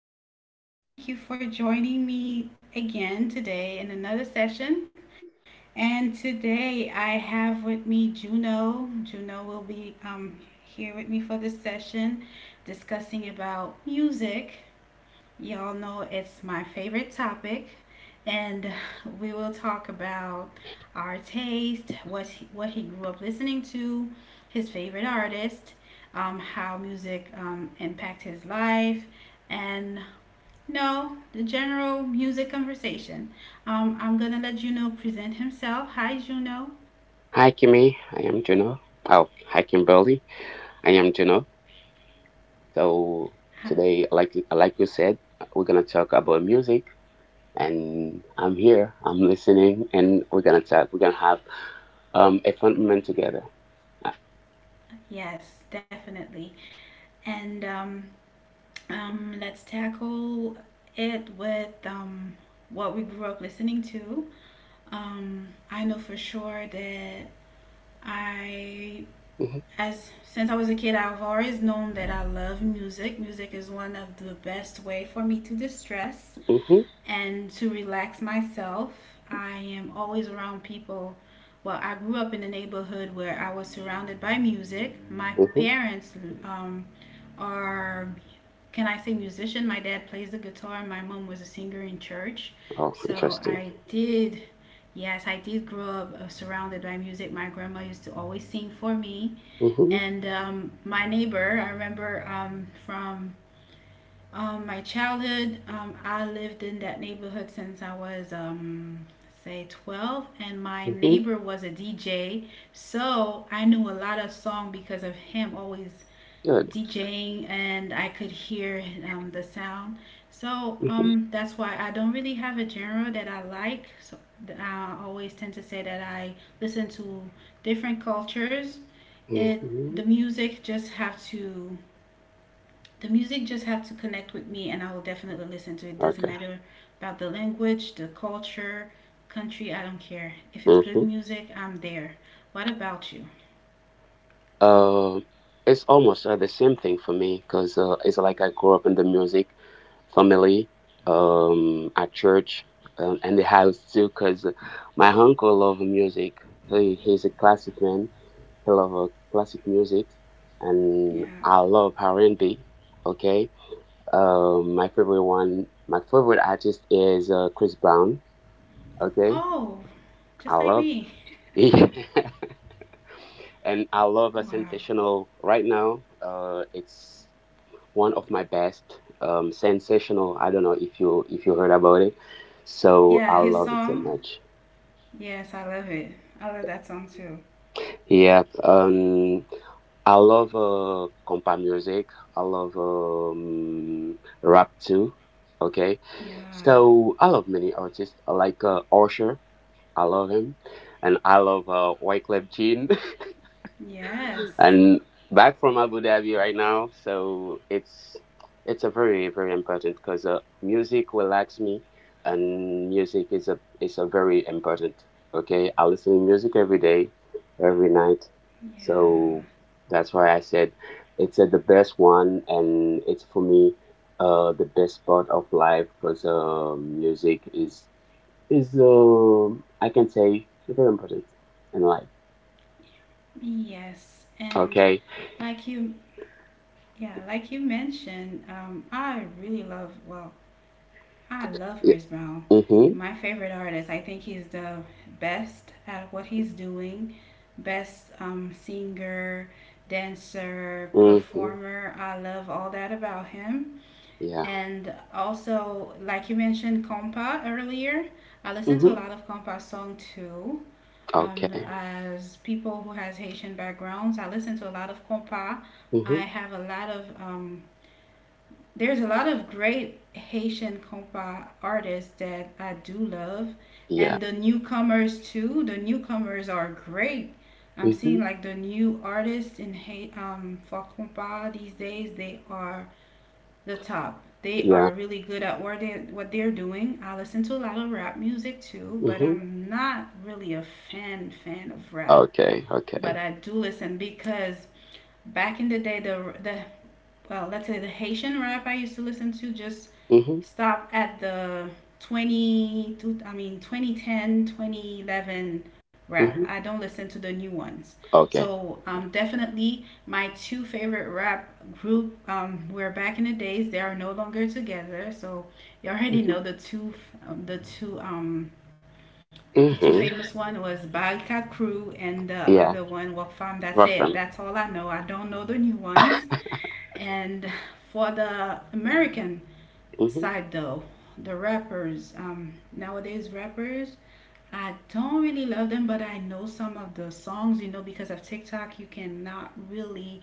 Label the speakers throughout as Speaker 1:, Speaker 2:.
Speaker 1: listeners. Thank you for joining me again today in another session. And today I have with me Juno. Juno will be here with me for this session discussing about music. Y'all know it's my favorite topic, and we will talk about our taste, what he grew up listening to, his favorite artist, how music impact his life, and no, the general music conversation. I'm gonna let Juno present himself. Hi, Juno.
Speaker 2: Hi, Kimmy. I am Juno. Oh, hi, Kimberly. I am Juno. So
Speaker 1: Hi.
Speaker 2: today, like you said, we're gonna talk about music, and I'm here. I'm listening, and we're gonna talk. We're gonna have a fun moment together. Uh,
Speaker 1: Yes, definitely. And Let's tackle it with what we grew up listening to. I know for sure that I,
Speaker 2: Mm-hmm,
Speaker 1: as since I was a kid, I've always known that I love music. Music is one of the best way for me to distress
Speaker 2: mm-hmm,
Speaker 1: and to relax myself. I am always around people. Well, I grew up in a neighborhood where I was surrounded by music. My
Speaker 2: mm-hmm.
Speaker 1: parents um, are, can I say, musician? My dad plays the guitar, and my mom was a singer in church.
Speaker 2: Oh,
Speaker 1: So
Speaker 2: interesting.
Speaker 1: I did, yes, I did grow up surrounded by music. My grandma used to always sing for me.
Speaker 2: Mm-hmm,
Speaker 1: And my neighbor, I remember from my childhood, I lived in that neighborhood since I was, say, 12, and my
Speaker 2: mm-hmm.
Speaker 1: neighbor was a DJ. So I knew a lot of song because of him always
Speaker 2: Good.
Speaker 1: DJing, and I could hear the sound. So
Speaker 2: Mm-hmm,
Speaker 1: that's why I don't really have a genre that I like. So I always tend to say that I listen to different cultures. It
Speaker 2: mm-hmm.
Speaker 1: the music just have to the music just have to connect with me, and I will definitely listen to it. Doesn't
Speaker 2: Okay.
Speaker 1: matter about the language, the culture, country. I don't care. If it's good
Speaker 2: Mm-hmm.
Speaker 1: music, I'm there. What about you?
Speaker 2: Uh, it's almost the same thing for me because it's like I grew up in the music family, at church, and the house too. Because my uncle loved music. He's a classic man. He loves classic music, and
Speaker 1: Yeah.
Speaker 2: I love R and B. Okay, my favorite one, my favorite artist is Chris Brown. Okay,
Speaker 1: Oh,
Speaker 2: I
Speaker 1: just like
Speaker 2: love.
Speaker 1: me.
Speaker 2: And I love a
Speaker 1: Wow.
Speaker 2: sensational right now. It's one of my best sensational. I don't know if you heard about it, so
Speaker 1: Yeah,
Speaker 2: I
Speaker 1: his
Speaker 2: love it so
Speaker 1: song.
Speaker 2: much.
Speaker 1: Yes, I love it. I love that song too.
Speaker 2: Yep. I love compa music. I love rap too. Okay,
Speaker 1: Yeah.
Speaker 2: so I love many artists. I like Usher. I love him, and I love Wyclef Jean.
Speaker 1: Yes.
Speaker 2: And back from Abu Dhabi right now. So it's a very very important because music relax me, and music is a very important. Okay, I listen to music every day, every night. So
Speaker 1: Yeah.
Speaker 2: that's why I said it's the best one, and it's for me the best part of life because music is, I can say, very important in life.
Speaker 1: Yes. And
Speaker 2: Okay.
Speaker 1: like you, yeah, like you mentioned, I really love, well, I love
Speaker 2: Yeah.
Speaker 1: Chris Brown.
Speaker 2: Mm-hmm.
Speaker 1: My favorite artist. I think he's the best at what he's doing. Best singer, dancer,
Speaker 2: Mm-hmm.
Speaker 1: performer. I love all that about him.
Speaker 2: Yeah.
Speaker 1: And also, like you mentioned, compa earlier. I listen to a
Speaker 2: Mm-hmm.
Speaker 1: lot of compa song too.
Speaker 2: Okay.
Speaker 1: As people who has Haitian backgrounds, I listen to a lot of compa. I
Speaker 2: Mm-hmm.
Speaker 1: have a lot of there's a lot of great Haitian compa artists that I do love,
Speaker 2: Yeah.
Speaker 1: and the newcomers too. The newcomers are great. I'm
Speaker 2: Mm-hmm.
Speaker 1: seeing like the new artists in Haiti for compa these days. They are the top. They
Speaker 2: Yeah.
Speaker 1: are really good at what they're doing. I listen to a lot of rap music too, but
Speaker 2: Mm-hmm.
Speaker 1: I'm not really a fan of rap.
Speaker 2: Okay.
Speaker 1: But
Speaker 2: Okay.
Speaker 1: I do listen because back in the day, the well, let's say the Haitian rap I used to listen to just
Speaker 2: Mm-hmm.
Speaker 1: stop at the 20, I mean 2010, 2011 rap. I
Speaker 2: Mm-hmm.
Speaker 1: don't listen to the new ones.
Speaker 2: Okay.
Speaker 1: So definitely my two favorite rap group were back in the days. They are no longer together. So you already
Speaker 2: Mm-hmm.
Speaker 1: know the two, um, the two, um, the two
Speaker 2: Mm-hmm.
Speaker 1: famous one was Balka Crew and the
Speaker 2: Yeah.
Speaker 1: other one Wakfam. That's it.
Speaker 2: Welcome.
Speaker 1: That's all I know. I don't know the new ones. And for the American
Speaker 2: Mm-hmm.
Speaker 1: side, though, the rappers, nowadays rappers, I don't really love them, but I know some of the songs, you know, because of TikTok, you cannot really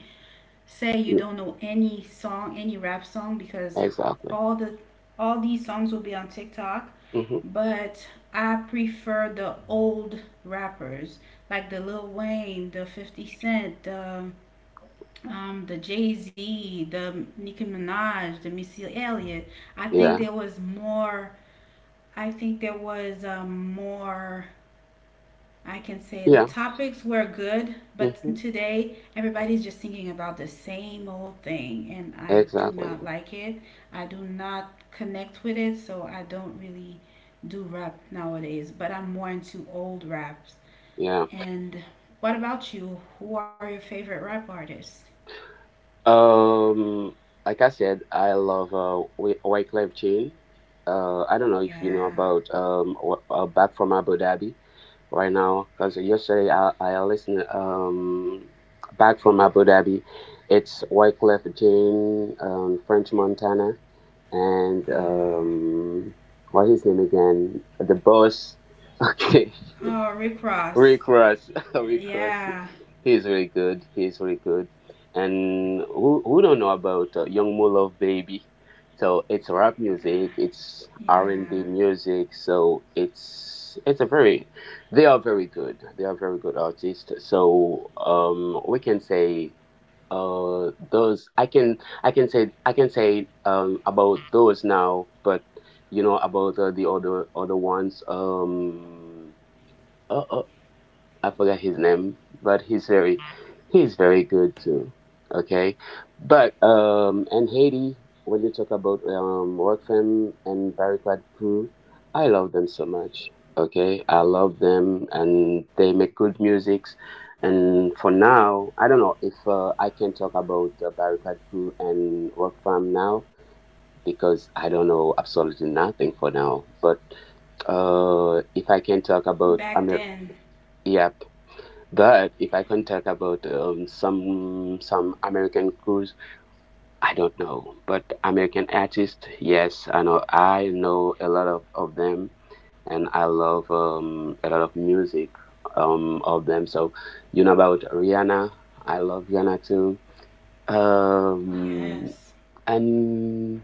Speaker 1: say you
Speaker 2: Yeah.
Speaker 1: don't know any song, any rap song, because
Speaker 2: Exactly.
Speaker 1: all the all these songs will be on TikTok.
Speaker 2: Mm-hmm.
Speaker 1: But I prefer the old rappers, like the Lil Wayne, the 50 Cent, the Jay Z, the Nicki Minaj, the Missy Elliott. I think
Speaker 2: Yeah.
Speaker 1: there was more. I think there was more. I can say the
Speaker 2: Yeah.
Speaker 1: topics were good, but
Speaker 2: Mm-hmm.
Speaker 1: today everybody's just thinking about the same old thing, and I do
Speaker 2: Exactly.
Speaker 1: not like it. I do not connect with it, so I don't really do rap nowadays. But I'm more into old raps.
Speaker 2: Yeah.
Speaker 1: And what about you? Who are your favorite rap artists?
Speaker 2: Um, like I said, I love White Cliff Chain. I don't know if you know
Speaker 1: Yeah.
Speaker 2: about back from Abu Dhabi right now because yesterday I listened back from Abu Dhabi. It's White Cliff Chain, French Montana, and
Speaker 1: Oh wow.
Speaker 2: what his name again? The boss. Okay,
Speaker 1: Oh, Rick Ross.
Speaker 2: Rick Ross. Rick Ross.
Speaker 1: Yeah,
Speaker 2: He's really good. He's really good. And who don't know about Young Mo Love Baby? So it's rap music. It's R and B
Speaker 1: yeah.
Speaker 2: music. So it's a very, they are very good. They are very good artists. So we can say those. I can say about those now, but you know about the other ones. uh. uh, I forgot his name, but he's very good too. Okay, but and Haiti, when you talk about Workfam and Barricade Crew, I love them so much. Okay, I love them, and they make good musics. And for now, I don't know if I can talk about Barricade Crew and Workfam now because I don't know absolutely nothing for now. But if I can talk
Speaker 1: Back
Speaker 2: about
Speaker 1: then,
Speaker 2: Yeah, but if I can talk about some American crews, I don't know. But American artists, yes, I know. I know a lot of them, and I love a lot of music of them. So you know about Rihanna. I love Rihanna too.
Speaker 1: yes.
Speaker 2: Um, and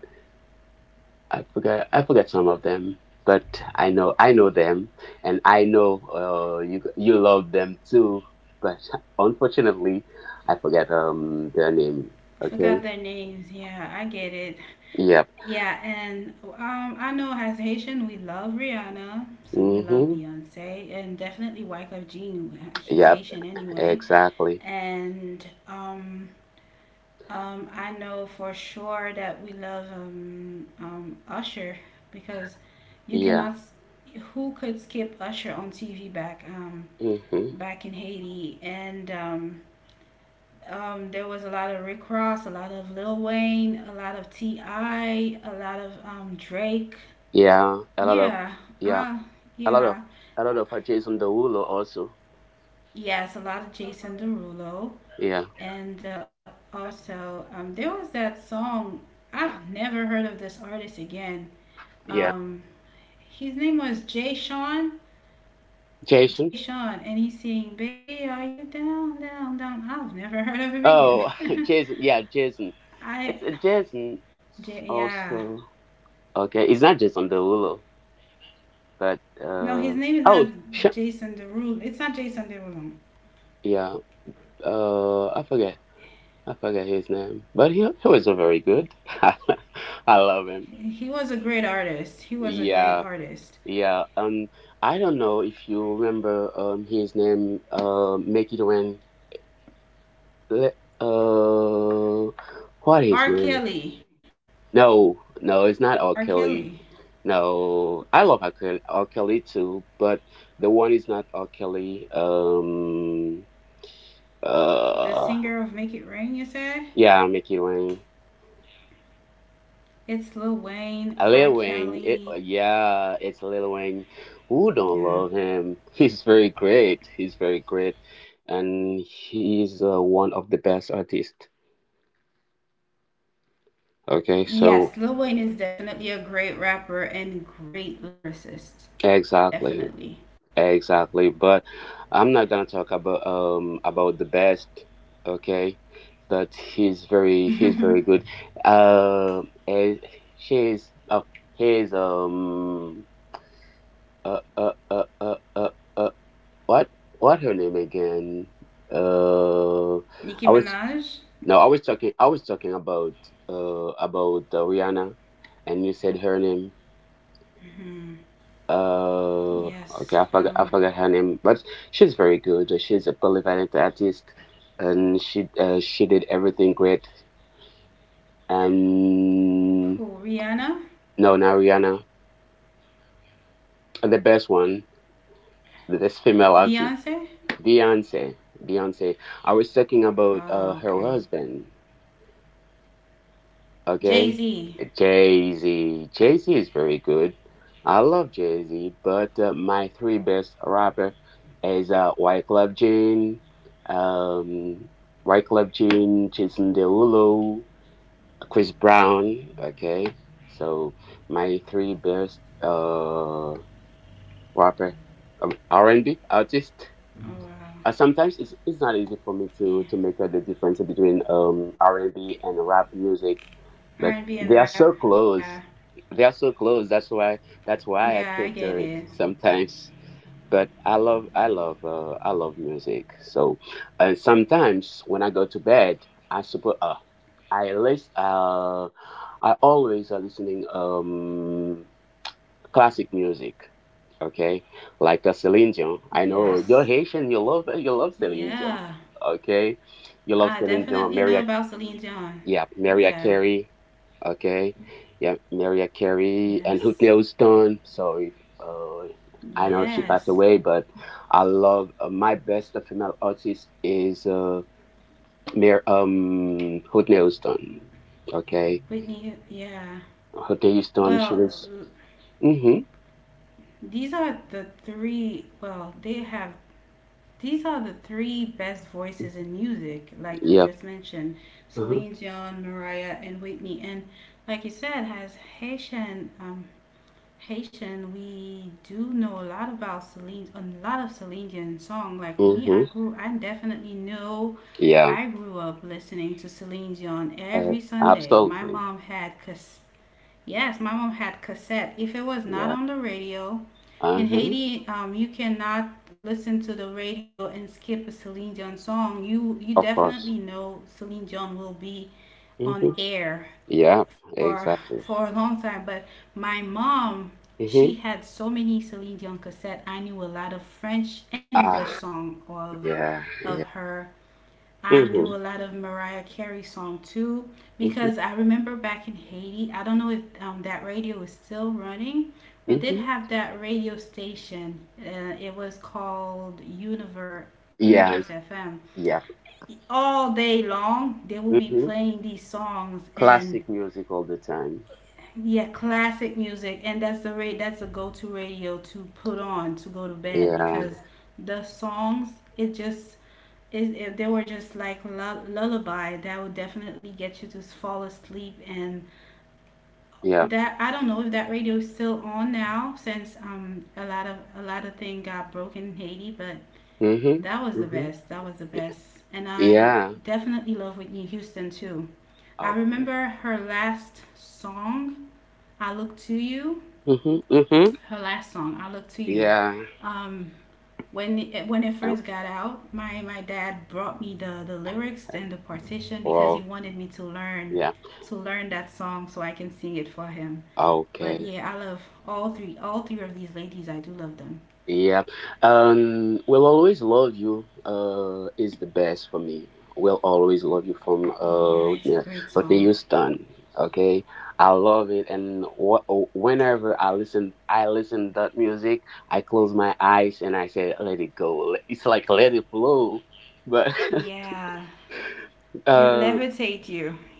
Speaker 2: I forget some of them, but I know them, and I know you love them too. But unfortunately, I forget their name. Okay.
Speaker 1: Forgot their names. Yeah, I get it.
Speaker 2: Yep.
Speaker 1: Yeah, and I know as Haitian, we love Rihanna, so we love
Speaker 2: Mhm.
Speaker 1: Beyonce, and definitely Wyclef Jean. He's
Speaker 2: Yep.
Speaker 1: Haitian anyway,
Speaker 2: Exactly.
Speaker 1: and I know for sure that we love Usher because you
Speaker 2: Yeah.
Speaker 1: cannot. S- Who could skip Usher on TV back
Speaker 2: Mhm.
Speaker 1: back in Haiti, and there was a lot of Rick Ross, a lot of Lil Wayne, a lot of T.I., a lot of Drake.
Speaker 2: Yeah. A lot of
Speaker 1: Yeah,
Speaker 2: yeah.
Speaker 1: uh,
Speaker 2: A lot of
Speaker 1: yeah,
Speaker 2: Jason Derulo also.
Speaker 1: yes, a lot of Jason Derulo,
Speaker 2: Yeah.
Speaker 1: and also there was that song. I've never heard of this artist again.
Speaker 2: Yeah.
Speaker 1: Um, his name was Jay Sean. Jay
Speaker 2: Jason.
Speaker 1: Sean, and he sing "Baby, are you down, down, down?" I've never heard of him again.
Speaker 2: Oh, Jason. Yeah, Jason.
Speaker 1: I,
Speaker 2: It's a Jason
Speaker 1: J- yeah,
Speaker 2: also. Okay, it's not Jason Derulo. But
Speaker 1: No, his name is
Speaker 2: oh,
Speaker 1: not Jason Derulo. It's not Jason Derulo.
Speaker 2: yeah, uh, I forget, I forget his name, but he was very good. I love him.
Speaker 1: He was a
Speaker 2: Yeah,
Speaker 1: great artist.
Speaker 2: yeah. I don't know if you remember his name Make It Rain. Le- Uh, what his
Speaker 1: R.
Speaker 2: name?
Speaker 1: Kelly.
Speaker 2: No, no, it's not
Speaker 1: R.
Speaker 2: R.
Speaker 1: Kelly,
Speaker 2: Kelly. No, I love R. Kelly too, but the one is not R. Kelly.
Speaker 1: the
Speaker 2: Uh.
Speaker 1: singer of Make It Rain. You said
Speaker 2: Yeah, Mickey Wayne.
Speaker 1: it's Lil Wayne,
Speaker 2: A
Speaker 1: R.
Speaker 2: Lil Wayne.
Speaker 1: Kelly.
Speaker 2: Yeah, it's Lil Wayne. Who don't
Speaker 1: Yeah.
Speaker 2: love him? He's very great. He's very great, and he's one of the best artists. Okay, so
Speaker 1: Yes, Lil Wayne is definitely a great rapper and great lyricist.
Speaker 2: exactly,
Speaker 1: Definitely.
Speaker 2: exactly. But I'm not gonna talk about about the best. Okay, but he's very he's very
Speaker 1: Nicki
Speaker 2: good. Eh, she's oh he's uh uh uh uh uh. uh what what her name again? I was
Speaker 1: Minaj.
Speaker 2: no, I was talking about Rihanna, and you said her name.
Speaker 1: Hmm.
Speaker 2: Uh,
Speaker 1: Yes.
Speaker 2: okay, I forgot, I forgot her name, but she's very good. She's a polyvalent artist, and she did everything great. And
Speaker 1: Who? Rihanna.
Speaker 2: no, not Rihanna, the best one, the best female artist,
Speaker 1: Beyonce.
Speaker 2: Beyonce, Beyonce. I was talking about
Speaker 1: Oh,
Speaker 2: her
Speaker 1: okay.
Speaker 2: husband.
Speaker 1: Jay
Speaker 2: Okay,
Speaker 1: Z.
Speaker 2: Jay Z. Jay Z is very good. I love Jay Z, but my three best rapper is White Club Gene, um, Jason Derulo, Chris Brown. Okay, so my three best rapper, R and B artist.
Speaker 1: Oh wow.
Speaker 2: Sometimes it's not easy for me
Speaker 1: Yeah.
Speaker 2: to make out the difference between r&b and B and rap music, but
Speaker 1: R&B and B and
Speaker 2: they are
Speaker 1: rap.
Speaker 2: so
Speaker 1: Yeah.
Speaker 2: close, they are so close. That's why
Speaker 1: Yeah,
Speaker 2: I
Speaker 1: I get
Speaker 2: could do
Speaker 1: it.
Speaker 2: it sometimes, but I love music. So sometimes when I go to bed, I suppose i list uh I always are listening classic music, okay? Like a Celine Dion. I know
Speaker 1: Yes.
Speaker 2: you're Haitian. You love Celine
Speaker 1: Yeah.
Speaker 2: Dion, okay?
Speaker 1: I
Speaker 2: You love Celine
Speaker 1: definitely know
Speaker 2: Dion.
Speaker 1: about Celine Dion.
Speaker 2: Yeah,
Speaker 1: Yeah.
Speaker 2: Maria Carey, okay? Yeah, Maria Carey and
Speaker 1: Yes.
Speaker 2: Whitney Houston. So if, I know she passed
Speaker 1: Yes.
Speaker 2: away, but I love my best female artist is Whitney Houston, okay?
Speaker 1: Whitney. Yeah.
Speaker 2: Whitney Houston. She
Speaker 1: Well,
Speaker 2: was.
Speaker 1: l-
Speaker 2: Mm-hmm.
Speaker 1: these are the three. Well, they have. These are the three best voices in music, like you
Speaker 2: Yeah.
Speaker 1: just mentioned
Speaker 2: Uh-huh.
Speaker 1: Celine Dion, Mariah, and Whitney. And like you said, has Haitian Haitian, we do know a lot about Celine, a lot of Celine Dion song. Like me,
Speaker 2: Mm-hmm.
Speaker 1: I definitely know.
Speaker 2: Yeah.
Speaker 1: I grew up listening to Celine Dion
Speaker 2: Uh,
Speaker 1: every Sunday. My
Speaker 2: absolutely.
Speaker 1: mom had cas- yes, my mom had cassette. If it was not
Speaker 2: Yeah.
Speaker 1: on the radio
Speaker 2: Uh
Speaker 1: in
Speaker 2: huh.
Speaker 1: Haiti, you cannot listen to the radio and skip a Celine Dion song. You
Speaker 2: Of course.
Speaker 1: definitely know Celine Dion will be
Speaker 2: Mm-hmm.
Speaker 1: on air
Speaker 2: Yeah.
Speaker 1: for
Speaker 2: Exactly.
Speaker 1: a long time. But my mom,
Speaker 2: Mm-hmm.
Speaker 1: she had so many Celine Dion cassette. I knew a lot of French and English
Speaker 2: Ah.
Speaker 1: song
Speaker 2: Yeah.
Speaker 1: of
Speaker 2: Yeah.
Speaker 1: her. I knew a lot
Speaker 2: Mm-hmm.
Speaker 1: of Mariah Carey song too
Speaker 2: Mm-hmm.
Speaker 1: because I remember back in Haiti. I don't know if that radio is still running. We did
Speaker 2: Mm-hmm.
Speaker 1: have that radio station. It was called Universe
Speaker 2: Yeah.
Speaker 1: FM.
Speaker 2: Yeah.
Speaker 1: All day long, they will be
Speaker 2: Mm-hmm.
Speaker 1: playing these songs,
Speaker 2: Classic
Speaker 1: and
Speaker 2: music all the time.
Speaker 1: yeah, classic music, and that's the rate. That's a go-to radio to put on to go to bed because
Speaker 2: Yeah.
Speaker 1: the songs it just it, if they were just like lullaby that would definitely get you to fall asleep, and
Speaker 2: Yeah.
Speaker 1: that I don't know if that radio is still on now since a lot of thing got broken in Haiti. But
Speaker 2: Mm-hmm. Mm-hmm.
Speaker 1: that was the best, and I
Speaker 2: Yeah.
Speaker 1: definitely love Whitney Houston too. I
Speaker 2: Okay.
Speaker 1: remember i look to you
Speaker 2: Mm-hmm. Mm-hmm.
Speaker 1: her last song, "I Look to You."
Speaker 2: Yeah.
Speaker 1: Um, when it
Speaker 2: Uh,
Speaker 1: first got out, my dad brought me the lyrics and the partition
Speaker 2: well.
Speaker 1: because he wanted me to
Speaker 2: Yeah.
Speaker 1: learn that song so I can sing it for him.
Speaker 2: Okay.
Speaker 1: But yeah, I love all three of these ladies. I do love them.
Speaker 2: Yeah. Will always love you. Is the best for me. Will always love you from
Speaker 1: Yeah,
Speaker 2: yeah,
Speaker 1: it's a
Speaker 2: Whitney
Speaker 1: great song.
Speaker 2: Houston. Okay, I love it, and whenever I listen that music. I close my eyes and I say, "Let it go." It's like let it flow. But
Speaker 1: Yeah, it
Speaker 2: uh.
Speaker 1: levitate you.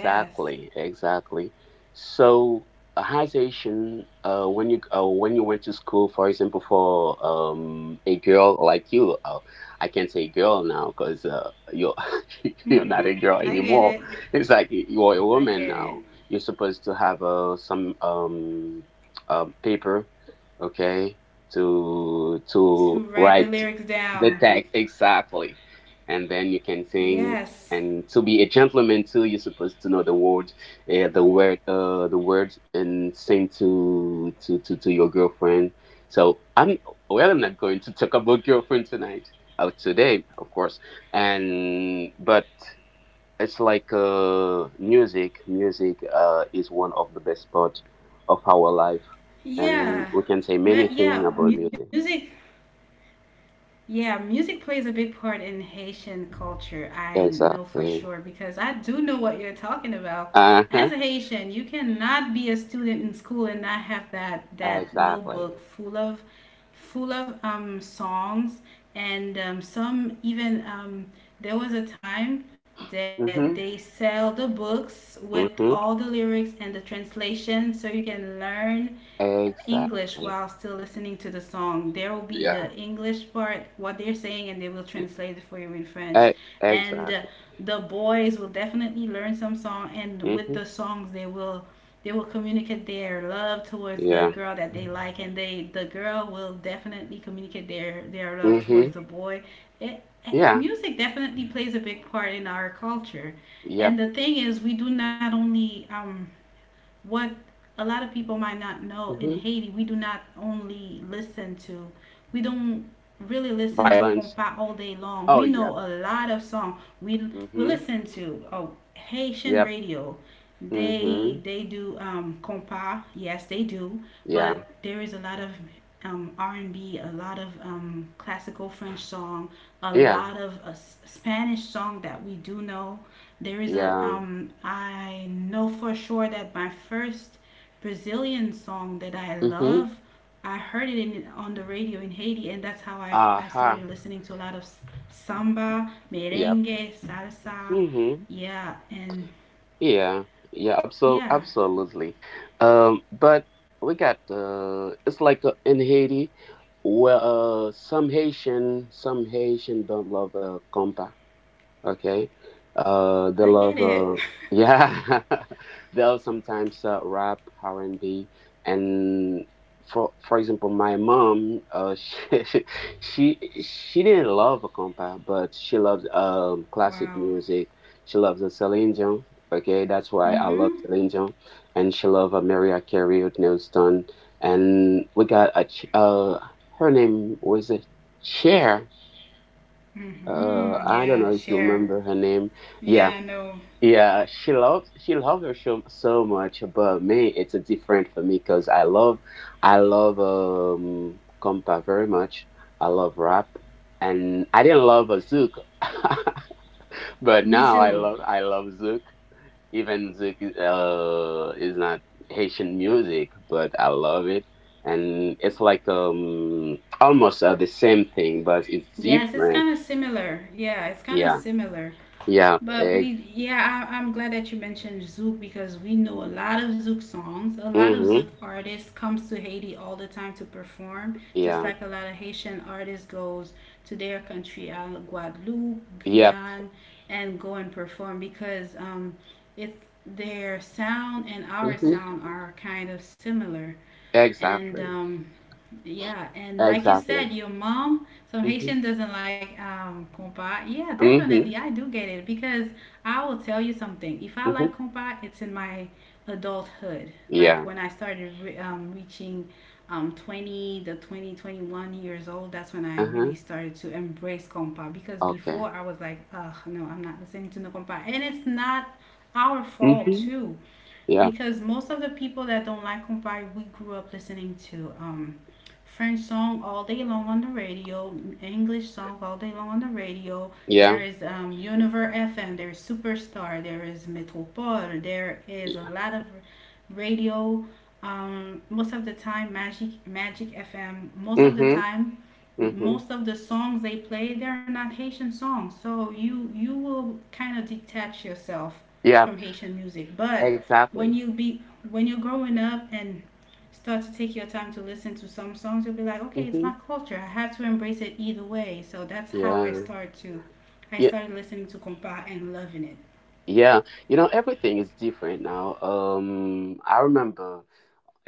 Speaker 1: Yes.
Speaker 2: exactly. So, as Asian. When you when you went to school, for example, for a girl like you, I can't say girl now because you're you're not a
Speaker 1: Mhm.
Speaker 2: girl
Speaker 1: I get
Speaker 2: anymore.
Speaker 1: it.
Speaker 2: It's like you're a
Speaker 1: I
Speaker 2: woman
Speaker 1: get
Speaker 2: now.
Speaker 1: it.
Speaker 2: You're supposed to have some paper, okay, to
Speaker 1: To write the
Speaker 2: write
Speaker 1: lyrics
Speaker 2: the
Speaker 1: down.
Speaker 2: text exactly, and then you can sing,
Speaker 1: Yes.
Speaker 2: and to be a gentleman too, you're supposed to know the words, and same to your girlfriend. So I'm, well, I'm not going to talk about girlfriend tonight, today of course. And but it's like music is one of the best part of our life, and
Speaker 1: Yeah.
Speaker 2: we can say
Speaker 1: Well,
Speaker 2: many things
Speaker 1: yeah,
Speaker 2: about music.
Speaker 1: music. Yeah, music plays a big part in Haitian culture. I know for
Speaker 2: Exactly.
Speaker 1: sure because I do know what you're talking about. As
Speaker 2: Uh-huh.
Speaker 1: a Haitian, you cannot be a student in school and not have that
Speaker 2: Exactly.
Speaker 1: notebook full of songs and some even there was a time that
Speaker 2: Mm-hmm.
Speaker 1: they sell the books with
Speaker 2: Mm-hmm.
Speaker 1: all the lyrics and the translation so you can learn English
Speaker 2: Exactly.
Speaker 1: while still listening to the song. There will be
Speaker 2: Yeah.
Speaker 1: the English part, what they're saying, and they will translate it for you in
Speaker 2: E-
Speaker 1: French. And
Speaker 2: exactly.
Speaker 1: the boys will definitely learn some song, and with
Speaker 2: Mm-hmm.
Speaker 1: the songs, they will communicate their love towards the
Speaker 2: Yeah.
Speaker 1: girl that they like, and the girl will definitely communicate their love
Speaker 2: Mm-hmm.
Speaker 1: towards the boy.
Speaker 2: Yeah.
Speaker 1: Music definitely plays a big part in our culture,
Speaker 2: Yep.
Speaker 1: and the thing is, we do not only what a lot of people might not know in
Speaker 2: Mm-hmm.
Speaker 1: Haiti, we don't really listen to
Speaker 2: Violence.
Speaker 1: compas all day long. We
Speaker 2: Oh
Speaker 1: know
Speaker 2: yeah.
Speaker 1: a lot of songs we
Speaker 2: Mm-hmm.
Speaker 1: listen to oh Haitian
Speaker 2: Yep.
Speaker 1: radio.
Speaker 2: Mm-hmm.
Speaker 1: They do compas. Yes they do,
Speaker 2: Yeah.
Speaker 1: but there is a lot of r and B. A lot of classical French song, a
Speaker 2: Yeah.
Speaker 1: lot of Spanish song that we do know. There is a
Speaker 2: Yeah.
Speaker 1: I know for sure that my first Brazilian song that I
Speaker 2: Mm-hmm.
Speaker 1: love, I heard it on the radio in Haiti, and that's how I
Speaker 2: Uh-huh.
Speaker 1: started listening to a lot of samba,
Speaker 2: Yep.
Speaker 1: merengue, salsa.
Speaker 2: Mm-hmm.
Speaker 1: Yeah, and
Speaker 2: Yeah. Yeah. Absol-
Speaker 1: yeah,
Speaker 2: absolutely. But we got it's like in Haiti where some Haitian don't love compa. Okay. They
Speaker 1: I
Speaker 2: love
Speaker 1: get it.
Speaker 2: yeah. They'll sometimes rap R and B, and for example, my mom, she didn't love a compa, but she loves classic
Speaker 1: Wow.
Speaker 2: music. She loves the Celine Dion. Okay, that's why I love
Speaker 1: Mm-hmm.
Speaker 2: Celine Dion, and she loves Mariah Carey, Whitney Houston, and we got her name was it Cher,
Speaker 1: Mm-hmm.
Speaker 2: I don't know
Speaker 1: Yeah,
Speaker 2: if you
Speaker 1: share.
Speaker 2: remember her name. Yeah,
Speaker 1: Yeah, I know.
Speaker 2: yeah, she loves her show so much. But me, it's a different for me because I love compa very much. I love rap, and I didn't love zook. But
Speaker 1: Me
Speaker 2: now i
Speaker 1: too.
Speaker 2: love i love zook, even zook is not Haitian music, but I love it. And it's like almost the same thing but it's
Speaker 1: Yes, it's
Speaker 2: different.
Speaker 1: kind of similar. Yeah, it's kind of
Speaker 2: Yeah,
Speaker 1: similar.
Speaker 2: yeah.
Speaker 1: But yeah, I'm glad that you mentioned Zouk because we know a lot of Zouk songs. A lot of Zouk
Speaker 2: Mm-hmm.
Speaker 1: artists comes to Haiti all the time to perform, just
Speaker 2: Yeah.
Speaker 1: like a lot of Haitian artists goes to their country, Guadeloupe,
Speaker 2: Yep.
Speaker 1: Guyana, and go and perform because it's their sound and our
Speaker 2: Mm-hmm.
Speaker 1: sound are kind of similar, and
Speaker 2: Exactly.
Speaker 1: yeah, and like you
Speaker 2: Exactly.
Speaker 1: said, your mom, some
Speaker 2: Mm-hmm.
Speaker 1: Haitian doesn't like compa. Yeah, definitely,
Speaker 2: Mm-hmm.
Speaker 1: I do get it because I will tell you something. If I like
Speaker 2: Mm-hmm.
Speaker 1: compa, it's in my adulthood. Like
Speaker 2: Yeah.
Speaker 1: when I reaching 20 21 years old, that's when I
Speaker 2: Uh-huh.
Speaker 1: really started to embrace compa because
Speaker 2: Okay.
Speaker 1: before I was like, ugh, no, I'm not listening to no compa, and it's not our fault
Speaker 2: Mm-hmm.
Speaker 1: too
Speaker 2: Yeah.
Speaker 1: because most of the people that don't like Kumbai, we grew up listening to French song all day long on the radio, English song all day long on the radio.
Speaker 2: Yeah.
Speaker 1: There is Univer FM, there is Superstar, there is Metropole, there is a lot of radio. Most of the time, Magic FM. Most of the
Speaker 2: Mm-hmm.
Speaker 1: time,
Speaker 2: Mm-hmm.
Speaker 1: most of the songs they play they're not Haitian songs. So you will kind of detach yourself
Speaker 2: Yeah.
Speaker 1: from Haitian music, but when
Speaker 2: Exactly.
Speaker 1: you be when you're growing up and start to take your time to listen to some songs, you'll be like, okay, it's
Speaker 2: Mm-hmm.
Speaker 1: my culture. I have to embrace it either way. So that's how I
Speaker 2: Yeah.
Speaker 1: start to. I
Speaker 2: Yeah.
Speaker 1: started listening to compa and loving it.
Speaker 2: Yeah. You know, everything is different now. I remember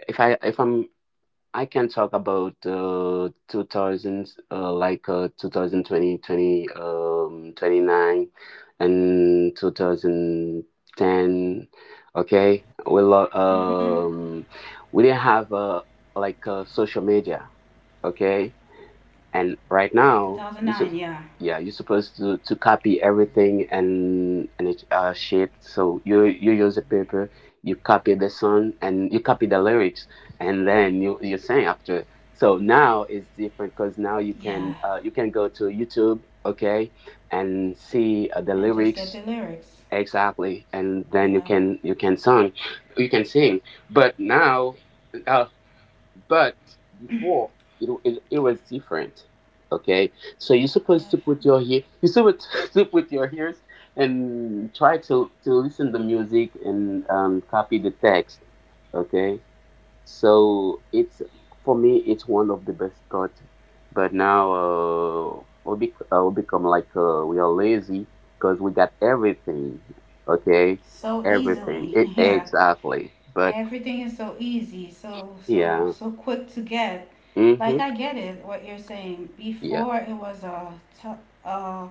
Speaker 2: if I if I'm I can talk about 2000, like 2020, 29, and 2010. Okay, we lo-
Speaker 1: hmm
Speaker 2: um, we didn't have like social media. Okay, and right now
Speaker 1: 2009, yeah,
Speaker 2: you're supposed to copy everything and it, shit, so you use a paper, you copy the song and you copy the lyrics, and then you sing after. So now it's different because now
Speaker 1: yeah,
Speaker 2: you can go to YouTube, okay, and see
Speaker 1: and just
Speaker 2: the
Speaker 1: get the
Speaker 2: lyrics.
Speaker 1: lyrics.
Speaker 2: Exactly, and
Speaker 1: Yeah,
Speaker 2: then you can song, you can sing. But now uh. But before, it was different. Okay, so you're supposed to
Speaker 1: yeah,
Speaker 2: put your ear, you're supposed to put your ears and try to listen the music and copy the text. Okay, so it's, for me, it's one of the best part. But now, we become like, we are lazy because we got everything. Okay,
Speaker 1: so
Speaker 2: everything.
Speaker 1: easily. Yeah,
Speaker 2: Exactly. But
Speaker 1: everything is so easy, so so
Speaker 2: yeah,
Speaker 1: so quick to get. Like
Speaker 2: mhm,
Speaker 1: I get it, what you're saying.
Speaker 2: yeah.
Speaker 1: Before it was t- uh